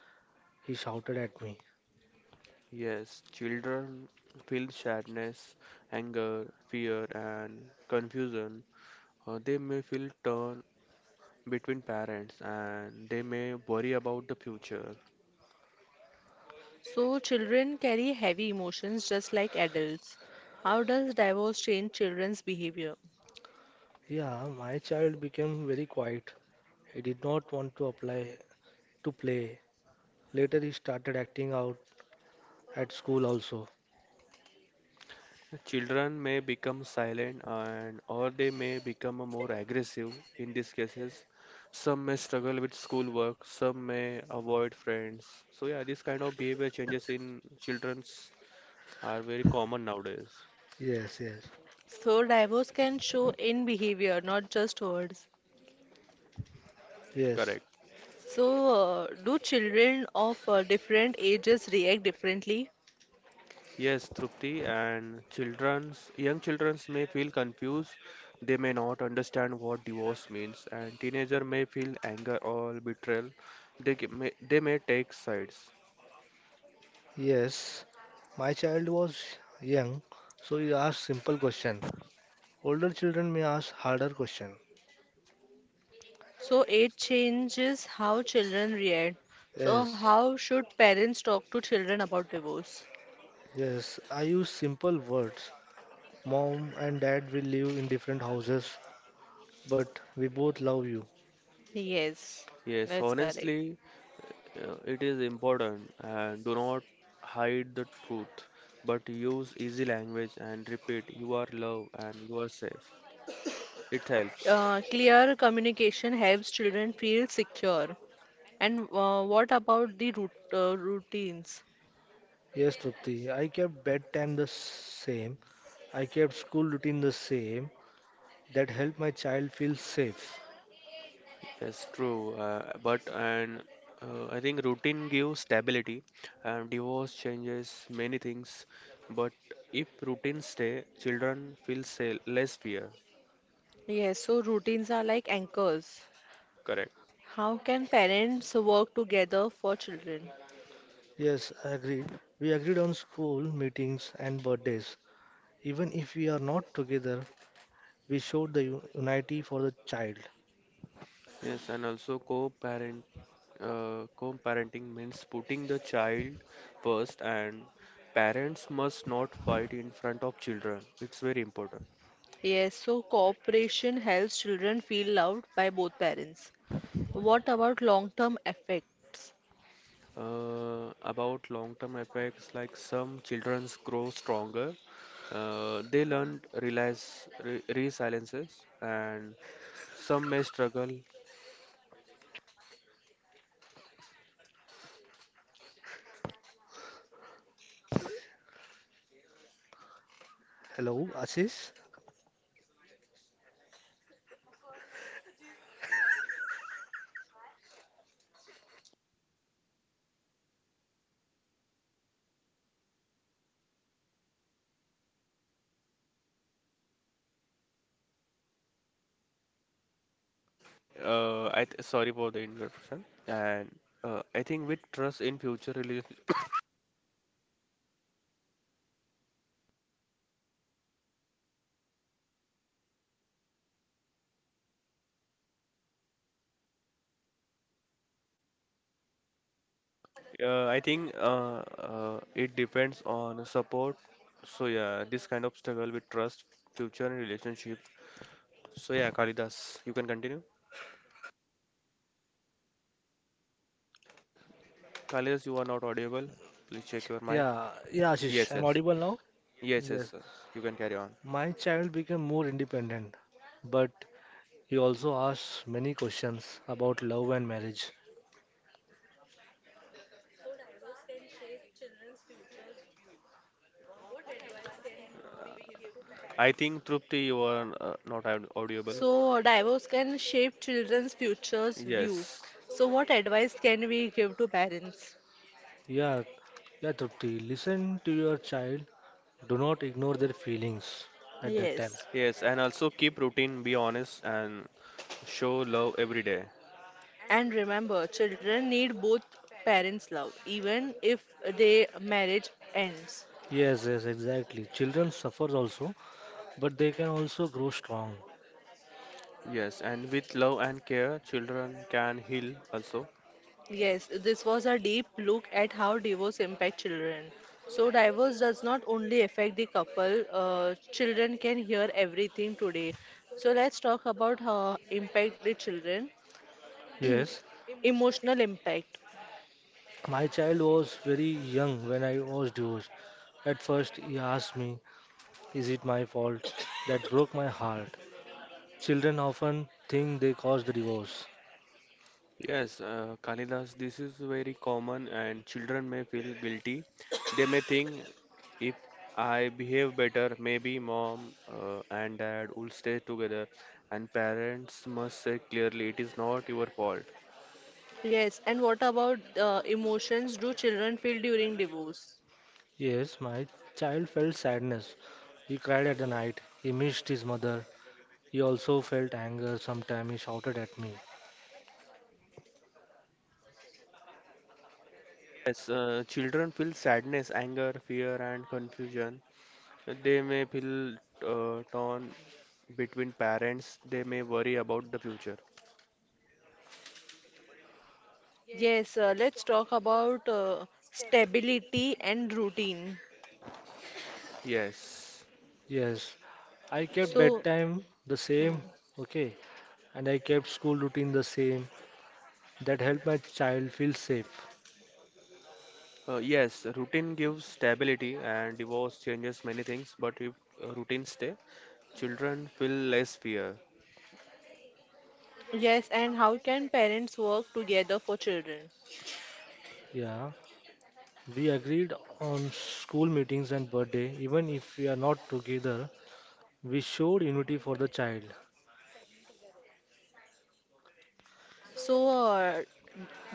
[SPEAKER 3] He shouted at me.
[SPEAKER 2] Yes, children feel sadness, anger, fear, and confusion. Uh, they may feel torn between parents, and they may worry about the future.
[SPEAKER 1] So, children carry heavy emotions just like adults. How does divorce change children's behavior?
[SPEAKER 3] Yeah, my child became very quiet. He did not want to apply to play. Later he started acting out at school also.
[SPEAKER 2] Children may become silent and or they may become more aggressive in these cases. Some may struggle with schoolwork, some may avoid friends. So yeah, this kind of behavior changes in children's are very common nowadays.
[SPEAKER 3] Yes, yes.
[SPEAKER 1] So, divorce can show in behavior, not just words.
[SPEAKER 3] Yes.
[SPEAKER 2] Correct.
[SPEAKER 1] So, uh, do children of uh, different ages react differently?
[SPEAKER 2] Yes, Trupti, and children's young childrens may feel confused. They may not understand what divorce means, and teenager may feel anger or betrayal. They ca- may, they may take sides.
[SPEAKER 3] Yes. My child was young, so he asked simple question. Older children may ask harder question.
[SPEAKER 1] So, it changes how children react. So,
[SPEAKER 3] Yes,
[SPEAKER 1] how should parents talk to children about divorce?
[SPEAKER 3] yes. I use simple words. Mom and dad will live in different houses, but we both love you.
[SPEAKER 1] Yes,
[SPEAKER 2] Yes,
[SPEAKER 1] that's correct.
[SPEAKER 2] honestly, Uh, It is important and do not hide the truth, but use easy language and repeat you are loved and you are safe. It helps.
[SPEAKER 1] Uh, clear communication helps children feel secure. And uh, what about the root, uh, routines?
[SPEAKER 3] Yes, Trupti, I kept bedtime the same. I kept school routine the same. That helped my child feel safe.
[SPEAKER 2] Yes, true. Uh, but and uh, I think routine gives stability. And divorce changes many things, but if routine stay, children feel sa less fear.
[SPEAKER 1] Yes, so routines are like anchors.
[SPEAKER 2] Correct.
[SPEAKER 1] How can parents work together for children?
[SPEAKER 3] Yes, I agreed. We agreed on school meetings and birthdays. Even if we are not together, we showed the u- unity for the child.
[SPEAKER 2] Yes, and also co-parenting uh, co-parenting means putting the child first, and parents must not fight in front of children. It's very important.
[SPEAKER 1] Yes, so cooperation helps children feel loved by both parents. What about long-term effects?
[SPEAKER 2] Uh, about long-term effects, like some children grow stronger, uh, they learn realize re- resiliences, and some may struggle.
[SPEAKER 3] Hello, Ashish?
[SPEAKER 2] Uh, I th- sorry for the interruption, and uh, I think with trust in future rela- Uh, I think uh, uh, it depends on support. So yeah, this kind of struggle with trust, future, and relationship. So yeah, Kalidas, you can continue. Kalidas, you are not audible. Please check your mic.
[SPEAKER 3] Yeah, yeah, Ashish,
[SPEAKER 2] Yes,
[SPEAKER 3] I'm
[SPEAKER 2] yes,
[SPEAKER 3] audible now?
[SPEAKER 2] yes, yes,
[SPEAKER 3] Yes.
[SPEAKER 2] yes. You can carry on.
[SPEAKER 3] My child became more independent, but he also asked many questions about love and marriage.
[SPEAKER 2] I think Trupti, you are uh, not aud- audible.
[SPEAKER 1] So divorce can shape children's futures view.
[SPEAKER 2] Yes,
[SPEAKER 1] So what advice can we give to parents?
[SPEAKER 3] Yeah, Yeah, Trupti, listen to your child. Do not ignore their feelings at that time.
[SPEAKER 1] Yes.
[SPEAKER 2] yes, and also keep routine, be honest, and show love every day.
[SPEAKER 1] And remember, children need both parents' love, even if their marriage ends.
[SPEAKER 3] Yes, yes, exactly. Children suffer also, but they can also grow strong.
[SPEAKER 2] Yes, and with love and care, children can heal also.
[SPEAKER 1] Yes, this was a deep look at how divorce impacts children. So, divorce does not only affect the couple, uh, children can hear everything today. So, let's talk about how impact the children,
[SPEAKER 3] Yes,
[SPEAKER 1] emotional impact.
[SPEAKER 3] my child was very young when I was divorced. At first, he asked me, is it my fault? That broke my heart. Children often think they caused the divorce.
[SPEAKER 2] Yes, uh, Kalidas, this is very common, and children may feel guilty. They may think, if I behave better, maybe mom uh, and dad will stay together, and parents must say clearly, it is not your fault.
[SPEAKER 1] Yes, and what about uh, emotions do children feel during divorce?
[SPEAKER 3] Yes, my child felt sadness. He cried at the night. He missed his mother. He also felt anger. Sometimes he shouted at me.
[SPEAKER 2] Yes, uh, children feel sadness, anger, fear, and confusion. They may feel uh, torn between parents, they may worry about the future.
[SPEAKER 1] Yes, uh, let's talk about uh, stability and routine.
[SPEAKER 2] Yes.
[SPEAKER 3] Yes, I kept
[SPEAKER 1] So,
[SPEAKER 3] bedtime the
[SPEAKER 1] hmm,
[SPEAKER 3] same, okay, and I kept school routine the same. That helped my child feel safe.
[SPEAKER 2] Uh, yes, routine gives stability and divorce changes many things, but if uh, routines stay, children feel less fear.
[SPEAKER 1] yes, and how can parents work together for children?
[SPEAKER 3] Yeah, we agreed on school meetings and birthday. Even if we are not together, we showed unity for the child.
[SPEAKER 1] So, uh,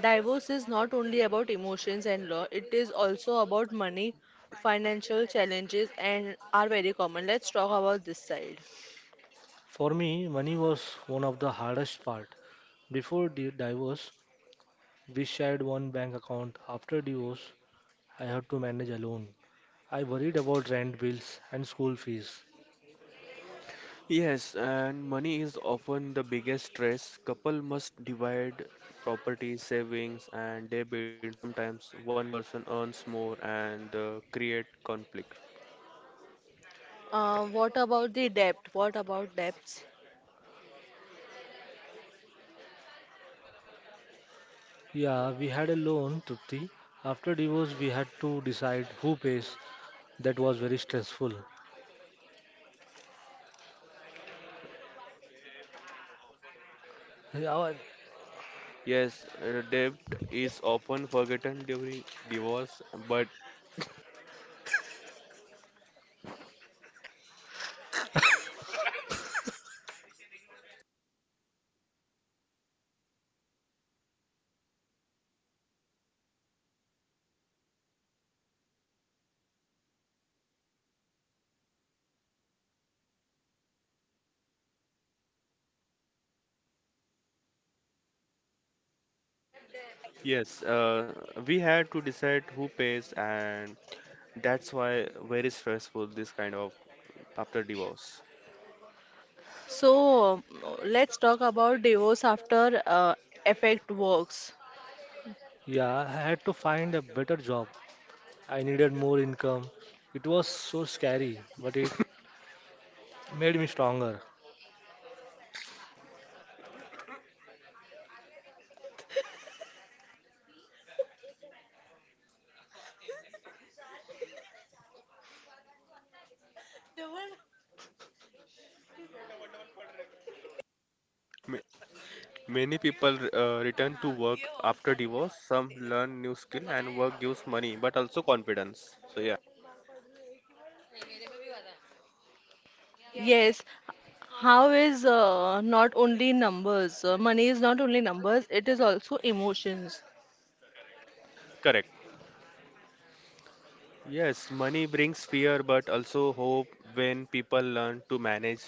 [SPEAKER 1] Divorce is not only about emotions and law, it is also about money, financial challenges, and are very common. Let's talk about this side.
[SPEAKER 3] For me, money was one of the hardest part. Before the divorce, we shared one bank account. After divorce, I had to manage alone. I worried about rent bills and school fees.
[SPEAKER 2] Yes, and money is often the biggest stress. Couple must divide property, savings, and debits. Sometimes one person earns more and uh, create conflict.
[SPEAKER 1] Uh, what about the debt? What about debts?
[SPEAKER 3] Yeah, we had a loan, Trupti. After divorce, we had to decide who pays. That was very stressful. Yeah, I
[SPEAKER 2] Yes, uh, debt is often forgotten during divorce, but yes, uh, we had to decide who pays, and that's why very stressful this kind of after divorce.
[SPEAKER 1] So, um, let's talk about divorce after uh, effect works.
[SPEAKER 3] yeah, I had to find a better job. I needed more income. It was so scary, but it made me stronger.
[SPEAKER 2] Ma- Many people uh, return to work after divorce. Some learn new skill, and work gives money, but also confidence. So yeah,
[SPEAKER 1] Yes, how is uh, not only numbers, uh, money is not only numbers, it is also emotions.
[SPEAKER 2] correct. Yes, money brings fear, but also hope when people learn to manage.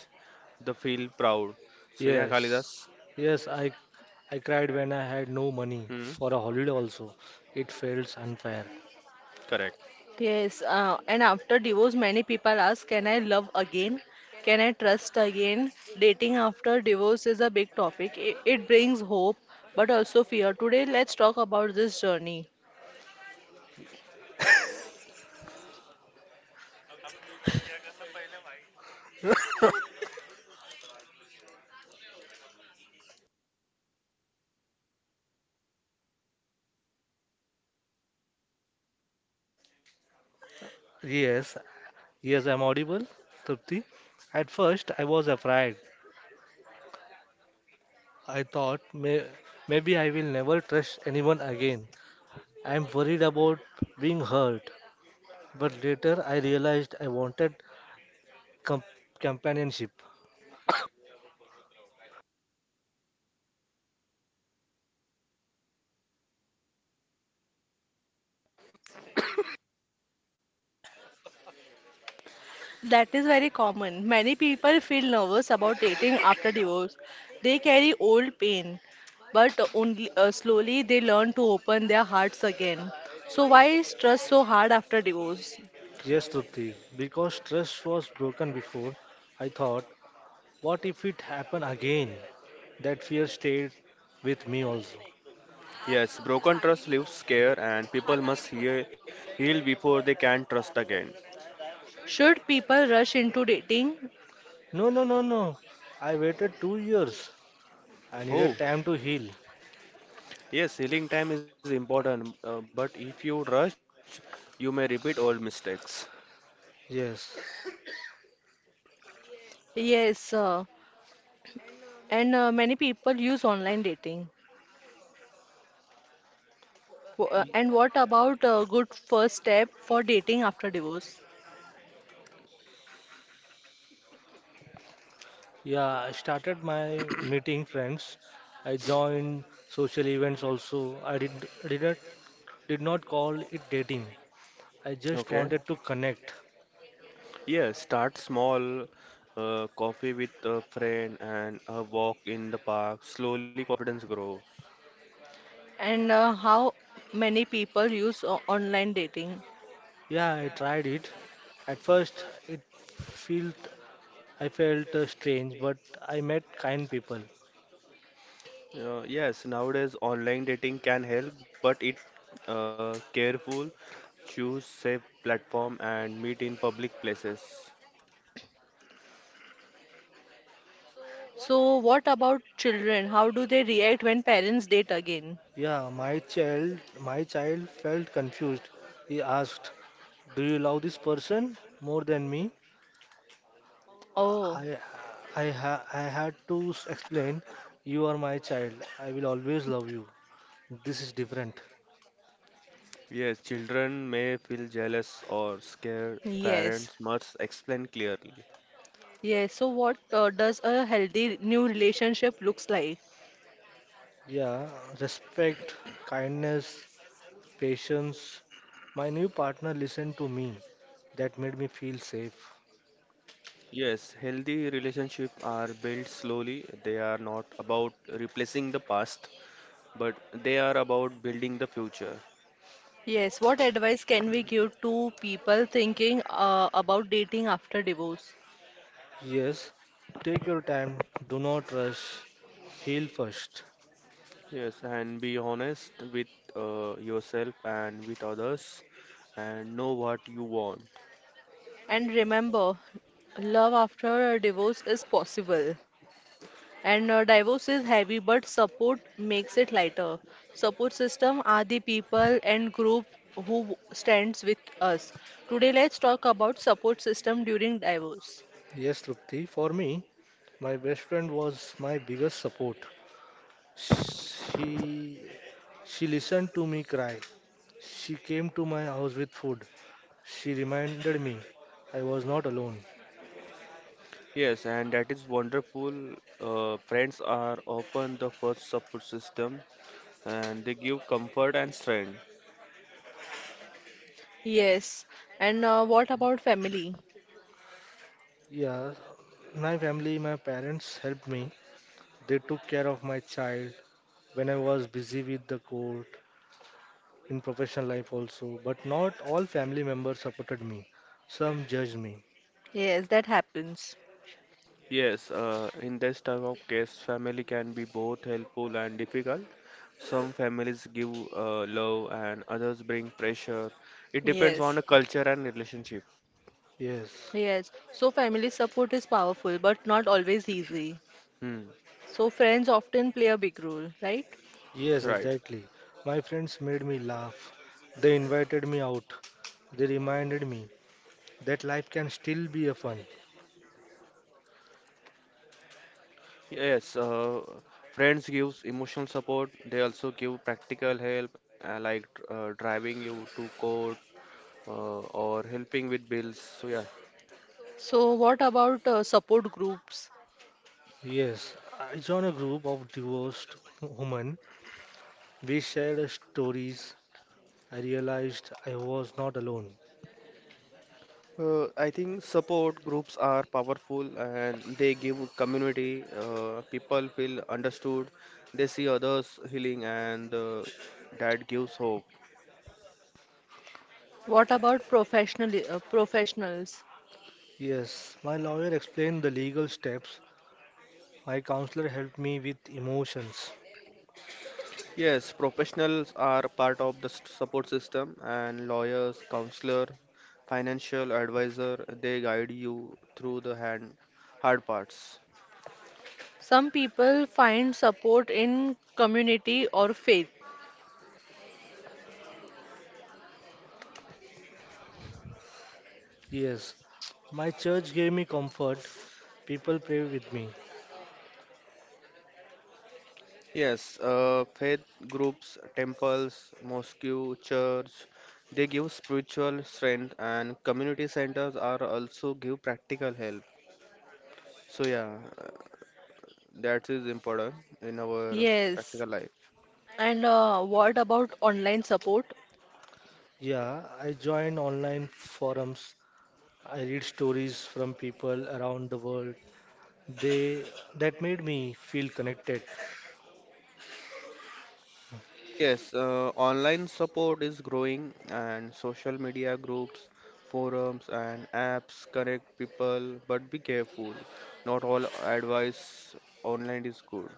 [SPEAKER 2] They feel proud. So yeah,
[SPEAKER 3] Yes,
[SPEAKER 2] Kalidas.
[SPEAKER 3] yes, I, I cried when I had no money
[SPEAKER 2] Hmm,
[SPEAKER 3] for a holiday also. It felt unfair.
[SPEAKER 2] correct.
[SPEAKER 1] Yes, uh, and after divorce, many people ask, Can I love again? Can I trust again? Dating after divorce is a big topic. It, it brings hope, but also fear. Today, let's talk about this journey.
[SPEAKER 3] Yes, yes, I'm audible, Trupti. At first, I was afraid. I thought may, maybe I will never trust anyone again. I am worried about being hurt. But later I realized I wanted com- companionship.
[SPEAKER 1] That is very common. Many people feel nervous about dating after divorce. They carry old pain, but only uh, slowly they learn to open their hearts again. So, why is trust so hard after divorce?
[SPEAKER 3] Yes, Trupti, because trust was broken before, I thought, what if it happened again? That fear stayed with me also.
[SPEAKER 2] Yes, broken trust leaves scare, and people must heal, heal before they can trust again.
[SPEAKER 1] Should people rush into dating?
[SPEAKER 3] No, no, no, no. I waited two years. I
[SPEAKER 2] Oh,
[SPEAKER 3] needed time to heal.
[SPEAKER 2] yes, healing time is important, uh, but if you rush, you may repeat old mistakes.
[SPEAKER 3] Yes.
[SPEAKER 1] Yes, uh, and uh, many people use online dating. W- uh, And what about a good first step for dating after divorce?
[SPEAKER 3] Yeah, I started my meeting friends. I joined social events also. I did didn't did not call it dating. I just
[SPEAKER 2] Okay.
[SPEAKER 3] wanted to connect.
[SPEAKER 2] Yes, start small, uh, coffee with a friend and a walk in the park. Slowly confidence grows.
[SPEAKER 1] And uh, how many people use o- online dating?
[SPEAKER 3] Yeah, I tried it. At first, it felt I felt uh, strange, but I met kind people.
[SPEAKER 2] Uh, yes, nowadays online dating can help, but it uh, careful, choose safe platform and meet in public places.
[SPEAKER 1] So, what about children? How do they react when parents date again?
[SPEAKER 3] Yeah, my child my child felt confused. He asked, "Do you love this person more than me?"
[SPEAKER 1] Oh,
[SPEAKER 3] I, I, ha- I had to s- explain, you are my child. I will always love you. This is different.
[SPEAKER 2] Yes, children may feel jealous or scared.
[SPEAKER 1] yes.
[SPEAKER 2] Parents must explain clearly.
[SPEAKER 1] Yes. So, what uh, does a healthy new relationship looks like?
[SPEAKER 3] Yeah, respect, kindness, patience. My new partner listened to me. That made me feel safe.
[SPEAKER 2] Yes, healthy relationships are built slowly. They are not about replacing the past, but they are about building the future.
[SPEAKER 1] Yes. What advice can we give to people thinking uh, about dating after divorce?
[SPEAKER 3] Yes, take your time. Do not rush. Heal first.
[SPEAKER 2] Yes, and be honest with uh, yourself and with others and know what you want.
[SPEAKER 1] And remember, love after a divorce is possible. And a divorce is heavy, but support makes it lighter. Support system are the people and group who stands with us. Today, let's talk about support system during divorce.
[SPEAKER 3] Yes, Trupti, for me, my best friend was my biggest support. She she listened to me cry. She came to my house with food. She reminded me I was not alone.
[SPEAKER 2] Yes, and that is wonderful. Uh, friends are often the first support system, and they give comfort and strength.
[SPEAKER 1] Yes. And uh, what about family?
[SPEAKER 3] Yeah, my family, my parents helped me. They took care of my child when I was busy with the court, in professional life also. But not all family members supported me. Some judged me.
[SPEAKER 1] Yes, that happens.
[SPEAKER 2] Yes, uh, in this type of case, family can be both helpful and difficult. Some families give uh, love and others bring pressure. It depends on
[SPEAKER 1] Yes.
[SPEAKER 2] the culture and relationship.
[SPEAKER 3] Yes,
[SPEAKER 1] Yes. So family support is powerful, but not always easy.
[SPEAKER 2] Hmm.
[SPEAKER 1] So friends often play a big role, right?
[SPEAKER 3] yes,
[SPEAKER 2] Right.
[SPEAKER 3] exactly. My friends made me laugh. They invited me out. They reminded me that life can still be a fun.
[SPEAKER 2] Yes, uh, friends gives emotional support. They also give practical help, uh, like uh, driving you to court uh, or helping with bills. So yeah.
[SPEAKER 1] So, what about uh, support groups?
[SPEAKER 3] Yes, I joined a group of divorced women. We shared stories. I realized I was not alone.
[SPEAKER 2] Uh, I think support groups are powerful and they give community. Uh, people feel understood. They see others healing, and uh, that gives hope.
[SPEAKER 1] What about professional uh, professionals?
[SPEAKER 3] Yes, my lawyer explained the legal steps. My counselor helped me with emotions.
[SPEAKER 2] Yes, professionals are part of the s- support system, and lawyers, counselor, financial advisor, they guide you through the hand, hard parts.
[SPEAKER 1] Some people find support in community or faith.
[SPEAKER 3] Yes, my church gave me comfort. People pray with me.
[SPEAKER 2] Yes, uh, faith groups, temples, mosque, church, they give spiritual strength, and community centers are also give practical help. So yeah, uh, that is important in our
[SPEAKER 1] Yes.
[SPEAKER 2] practical life.
[SPEAKER 1] And uh, what about online support?
[SPEAKER 3] Yeah, I join online forums. I read stories from people around the world. They That made me feel connected.
[SPEAKER 2] Yes, uh, online support is growing, and social media groups, forums and apps connect people, but be careful. Not all advice online is good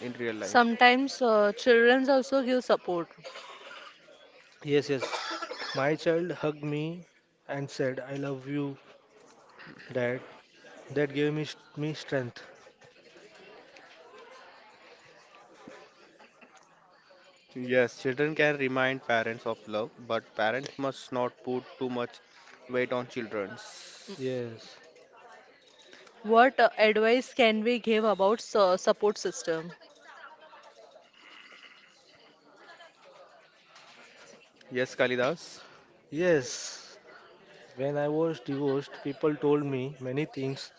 [SPEAKER 2] in real life.
[SPEAKER 1] Sometimes uh, children also give support.
[SPEAKER 3] Yes, yes. My child hugged me and said, "I love you, Dad." That gave me me strength.
[SPEAKER 2] Yes, children can remind parents of love, but parents must not put too much weight on children's.
[SPEAKER 3] Yes,
[SPEAKER 1] What uh, advice can we give about su- support system?
[SPEAKER 2] Yes, Kalidas.
[SPEAKER 3] yes. When I was divorced, people told me many things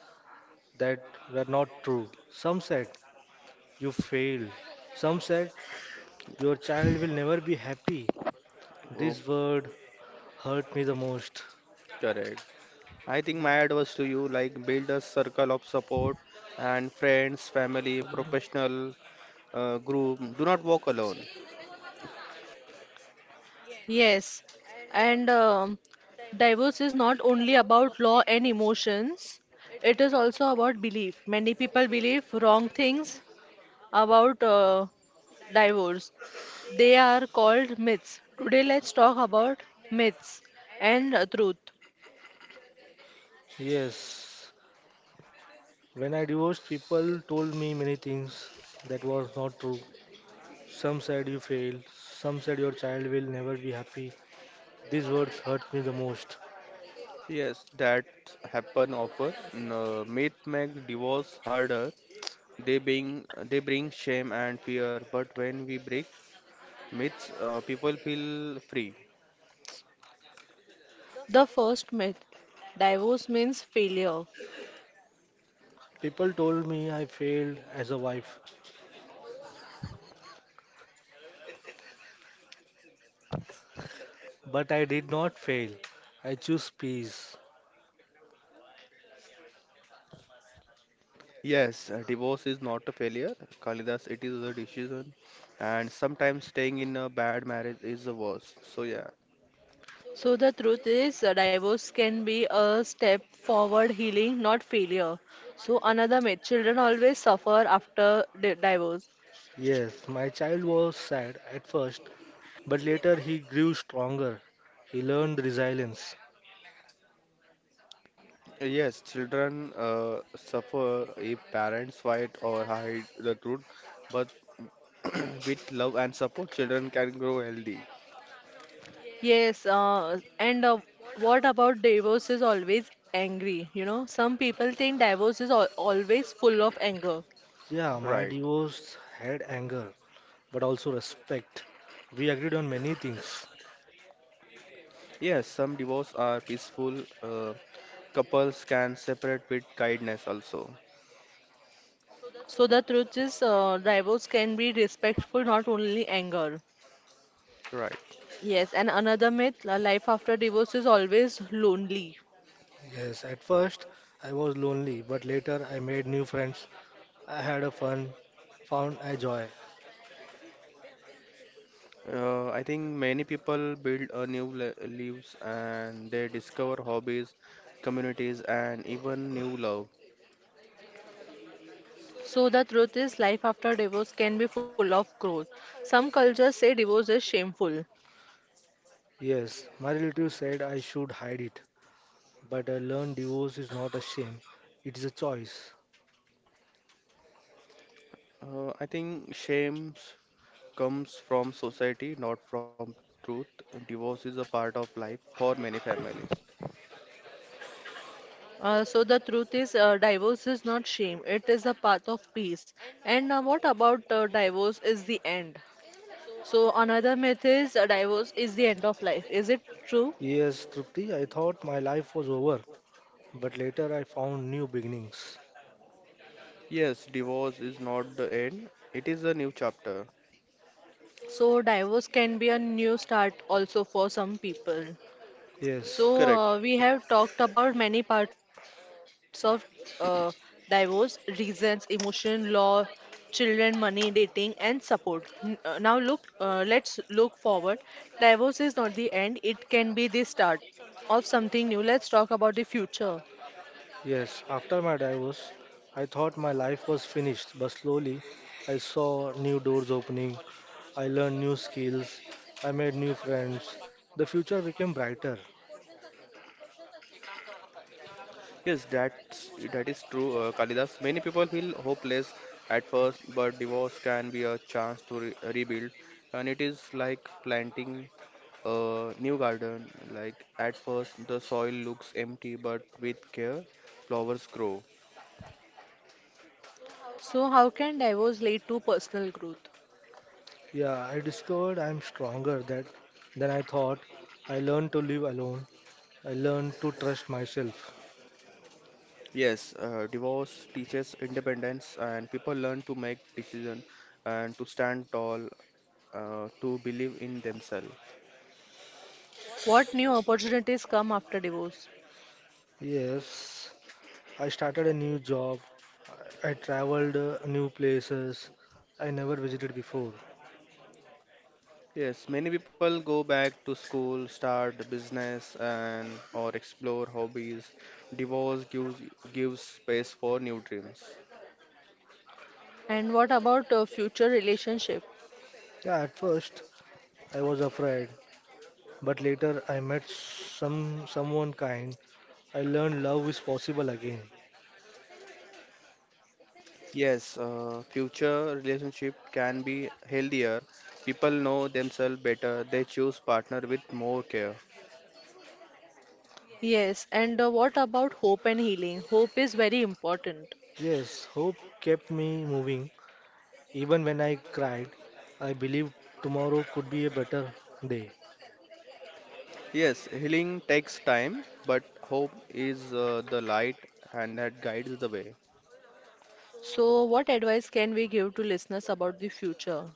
[SPEAKER 3] that were not true. Some said, you failed. Some said, your child will never be happy.
[SPEAKER 2] Oh,
[SPEAKER 3] This word hurt me the most.
[SPEAKER 2] correct. I think my advice to you like build a circle of support, and friends, family, professional uh, group. Do not walk alone.
[SPEAKER 1] Yes. And um, divorce is not only about law and emotions. It is also about belief. Many people believe wrong things about uh, divorce. They are called myths. Today, let's talk about myths and uh, truth.
[SPEAKER 3] Yes, when I divorced, people told me many things that was not true. Some said you failed, some said your child will never be happy. These words hurt me the most.
[SPEAKER 2] Yes, that happen often. No, myth make divorce harder. They bring they bring shame and fear. But when we break myths, uh, people feel free.
[SPEAKER 1] The first myth divorce means failure.
[SPEAKER 3] People told me I failed as a wife. But I did not fail. I chose peace.
[SPEAKER 2] Yes, uh, divorce is not a failure, Kalidas. It is a decision, and sometimes staying in a bad marriage is the worst. So yeah,
[SPEAKER 1] So, the truth is, uh, divorce can be a step forward healing, not failure. So, another myth children always suffer after di- divorce.
[SPEAKER 3] Yes, my child was sad at first, but later he grew stronger. He learned resilience.
[SPEAKER 2] Uh, yes, children uh, suffer if parents fight or hide the truth, but with love and support, children can grow healthy.
[SPEAKER 1] Yes, uh, and uh, what about divorce is always angry? You know, some people think divorce is al always full of anger.
[SPEAKER 3] Yeah, my
[SPEAKER 2] Right?
[SPEAKER 3] divorce had anger, but also respect. We agreed on many things.
[SPEAKER 2] Yes, some divorce are peaceful. Uh, couples can separate with kindness also.
[SPEAKER 1] So the truth is, uh, divorce can be respectful, not only anger.
[SPEAKER 2] Right.
[SPEAKER 1] Yes, and another myth, uh, life after divorce is always lonely.
[SPEAKER 3] Yes, at first I was lonely, but later I made new friends. I had a fun, found a joy.
[SPEAKER 2] Uh, I think many people build a new li- lives, and they discover hobbies, communities, and even new love.
[SPEAKER 1] So the truth is, life after divorce can be full of growth. Some cultures say divorce is shameful.
[SPEAKER 3] Yes, my relatives said I should hide it, but I learned divorce is not a shame, it is a choice.
[SPEAKER 2] Uh, I think shame comes from society, not from truth. Divorce is a part of life for many families.
[SPEAKER 1] Uh, so the truth is, uh, divorce is not shame. It is a path of peace. And uh, what about uh, divorce is the end? So another myth is uh, divorce is the end of life. Is it true?
[SPEAKER 3] Yes, Trupti, I thought my life was over, but later I found new beginnings.
[SPEAKER 2] Yes, divorce is not the end, it is a new chapter.
[SPEAKER 1] So divorce can be a new start also for some people.
[SPEAKER 3] Yes,
[SPEAKER 1] So,
[SPEAKER 2] Correct.
[SPEAKER 1] uh, we have talked about many parts of uh, divorce, reasons, emotion, law, children, money, dating, and support. N- uh, Now, look, uh, let's look forward. Divorce is not the end, it can be the start of something new. Let's talk about the future.
[SPEAKER 3] yes. After my divorce, I thought my life was finished, but slowly I saw new doors opening. I learned new skills. I made new friends. The future became brighter.
[SPEAKER 2] Yes, that's that is true, uh, Kalidas. Many people feel hopeless at first, but divorce can be a chance to re rebuild, and it is like planting a new garden. Like at first, the soil looks empty, but with care, flowers grow.
[SPEAKER 1] So, how can divorce lead to personal growth?
[SPEAKER 3] Yeah, I discovered I'm stronger that, than I thought. I learned to live alone. I learned to trust myself.
[SPEAKER 2] Yes, uh, divorce teaches independence, and people learn to make decisions and to stand tall, uh, to believe in themselves.
[SPEAKER 1] What new opportunities come after divorce?
[SPEAKER 3] Yes, I started a new job. I I traveled uh, new places I never visited before.
[SPEAKER 2] Yes, many people go back to school, start a business, and or explore hobbies. Divorce gives gives space for new dreams.
[SPEAKER 1] And what about uh, future relationship?
[SPEAKER 3] Yeah, at first I was afraid, but later I met some someone kind. I learned love is possible again.
[SPEAKER 2] Yes, uh, future relationship can be healthier. People know themselves better. They choose partner with more care.
[SPEAKER 1] Yes, and uh, what about hope and healing? Hope is very important.
[SPEAKER 3] Yes, hope kept me moving. Even when I cried, I believed tomorrow could be a better day.
[SPEAKER 2] Yes, healing takes time, but hope is uh, the light, and that guides the way.
[SPEAKER 1] So, what advice can we give to listeners about the future?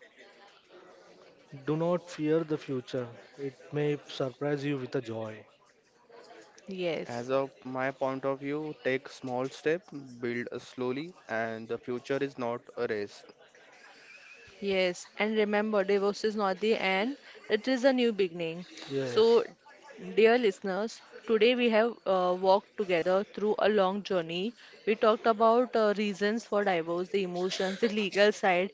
[SPEAKER 3] Do not fear the future. It may surprise you with a joy.
[SPEAKER 1] Yes.
[SPEAKER 2] As of my point of view, take small step, build slowly, and the future is not a race.
[SPEAKER 1] Yes, and remember, divorce is not the end, it is a new beginning. So,
[SPEAKER 3] Yes,
[SPEAKER 1] dear listeners, today we have uh, walked together through a long journey. We talked about uh, reasons for divorce, the emotions, the legal side,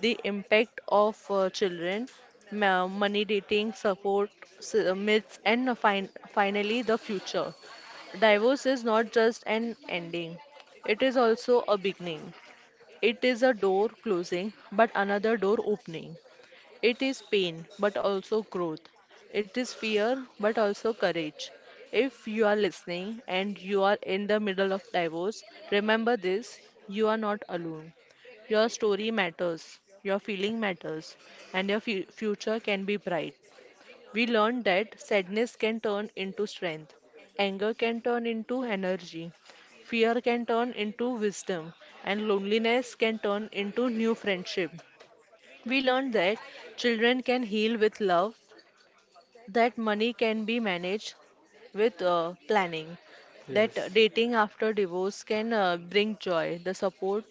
[SPEAKER 1] the impact of uh, children, ma- money, dating, support, s- uh, myths, and uh, fin- finally the future. Divorce is not just an ending, it is also a beginning. It is a door closing, but another door opening. It is pain, but also growth. It is fear, but also courage. If you are listening and you are in the middle of divorce, remember this you are not alone. Your story matters, your feeling matters, and your fu- future can be bright. We learned that sadness can turn into strength, anger can turn into energy, fear can turn into wisdom, and loneliness can turn into new friendship. We learned that children can heal with love, that money can be managed with uh, planning, that uh,
[SPEAKER 3] yes.
[SPEAKER 1] dating after divorce can uh, bring joy, the support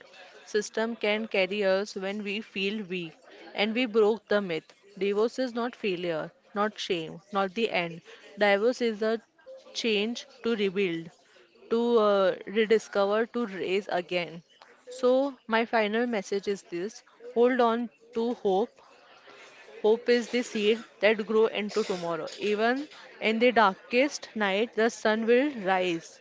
[SPEAKER 1] system can carry us when we feel weak, and we broke the myth. Divorce is not failure, not shame, not the end. Divorce is a change to rebuild, to uh, rediscover, to raise again. So, my final message is this hold on to hope. Hope is the seed that grow into tomorrow. Even in the darkest night, the sun will rise.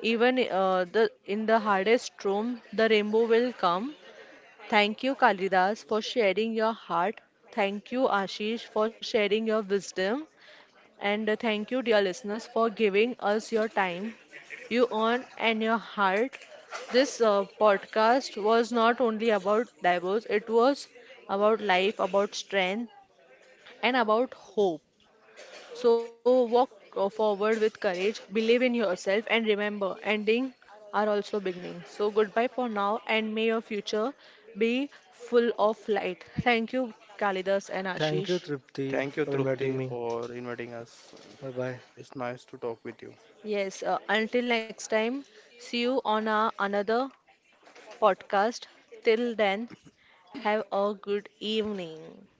[SPEAKER 1] Even uh, the in the hardest storm, the rainbow will come. Thank you, Kalidas, for sharing your heart. Thank you, Ashish, for sharing your wisdom. And uh, thank you, dear listeners, for giving us your time, you earn, and your heart. This uh, podcast was not only about divorce, it was about life, about strength and about hope. So walk uh, forward with courage, believe in yourself, and remember, ending are also beginning. So goodbye for now, and may your future be full of light. Thank you, Kalidas and
[SPEAKER 3] Thank you,
[SPEAKER 1] Ashish.
[SPEAKER 3] Tripti,
[SPEAKER 2] Thank you,
[SPEAKER 3] for inviting
[SPEAKER 2] Trupti,
[SPEAKER 3] me.
[SPEAKER 2] for inviting us.
[SPEAKER 3] Bye bye.
[SPEAKER 2] It's nice to talk with you.
[SPEAKER 1] Yes, uh, until next time, see you on our another podcast. Till then, have a good evening.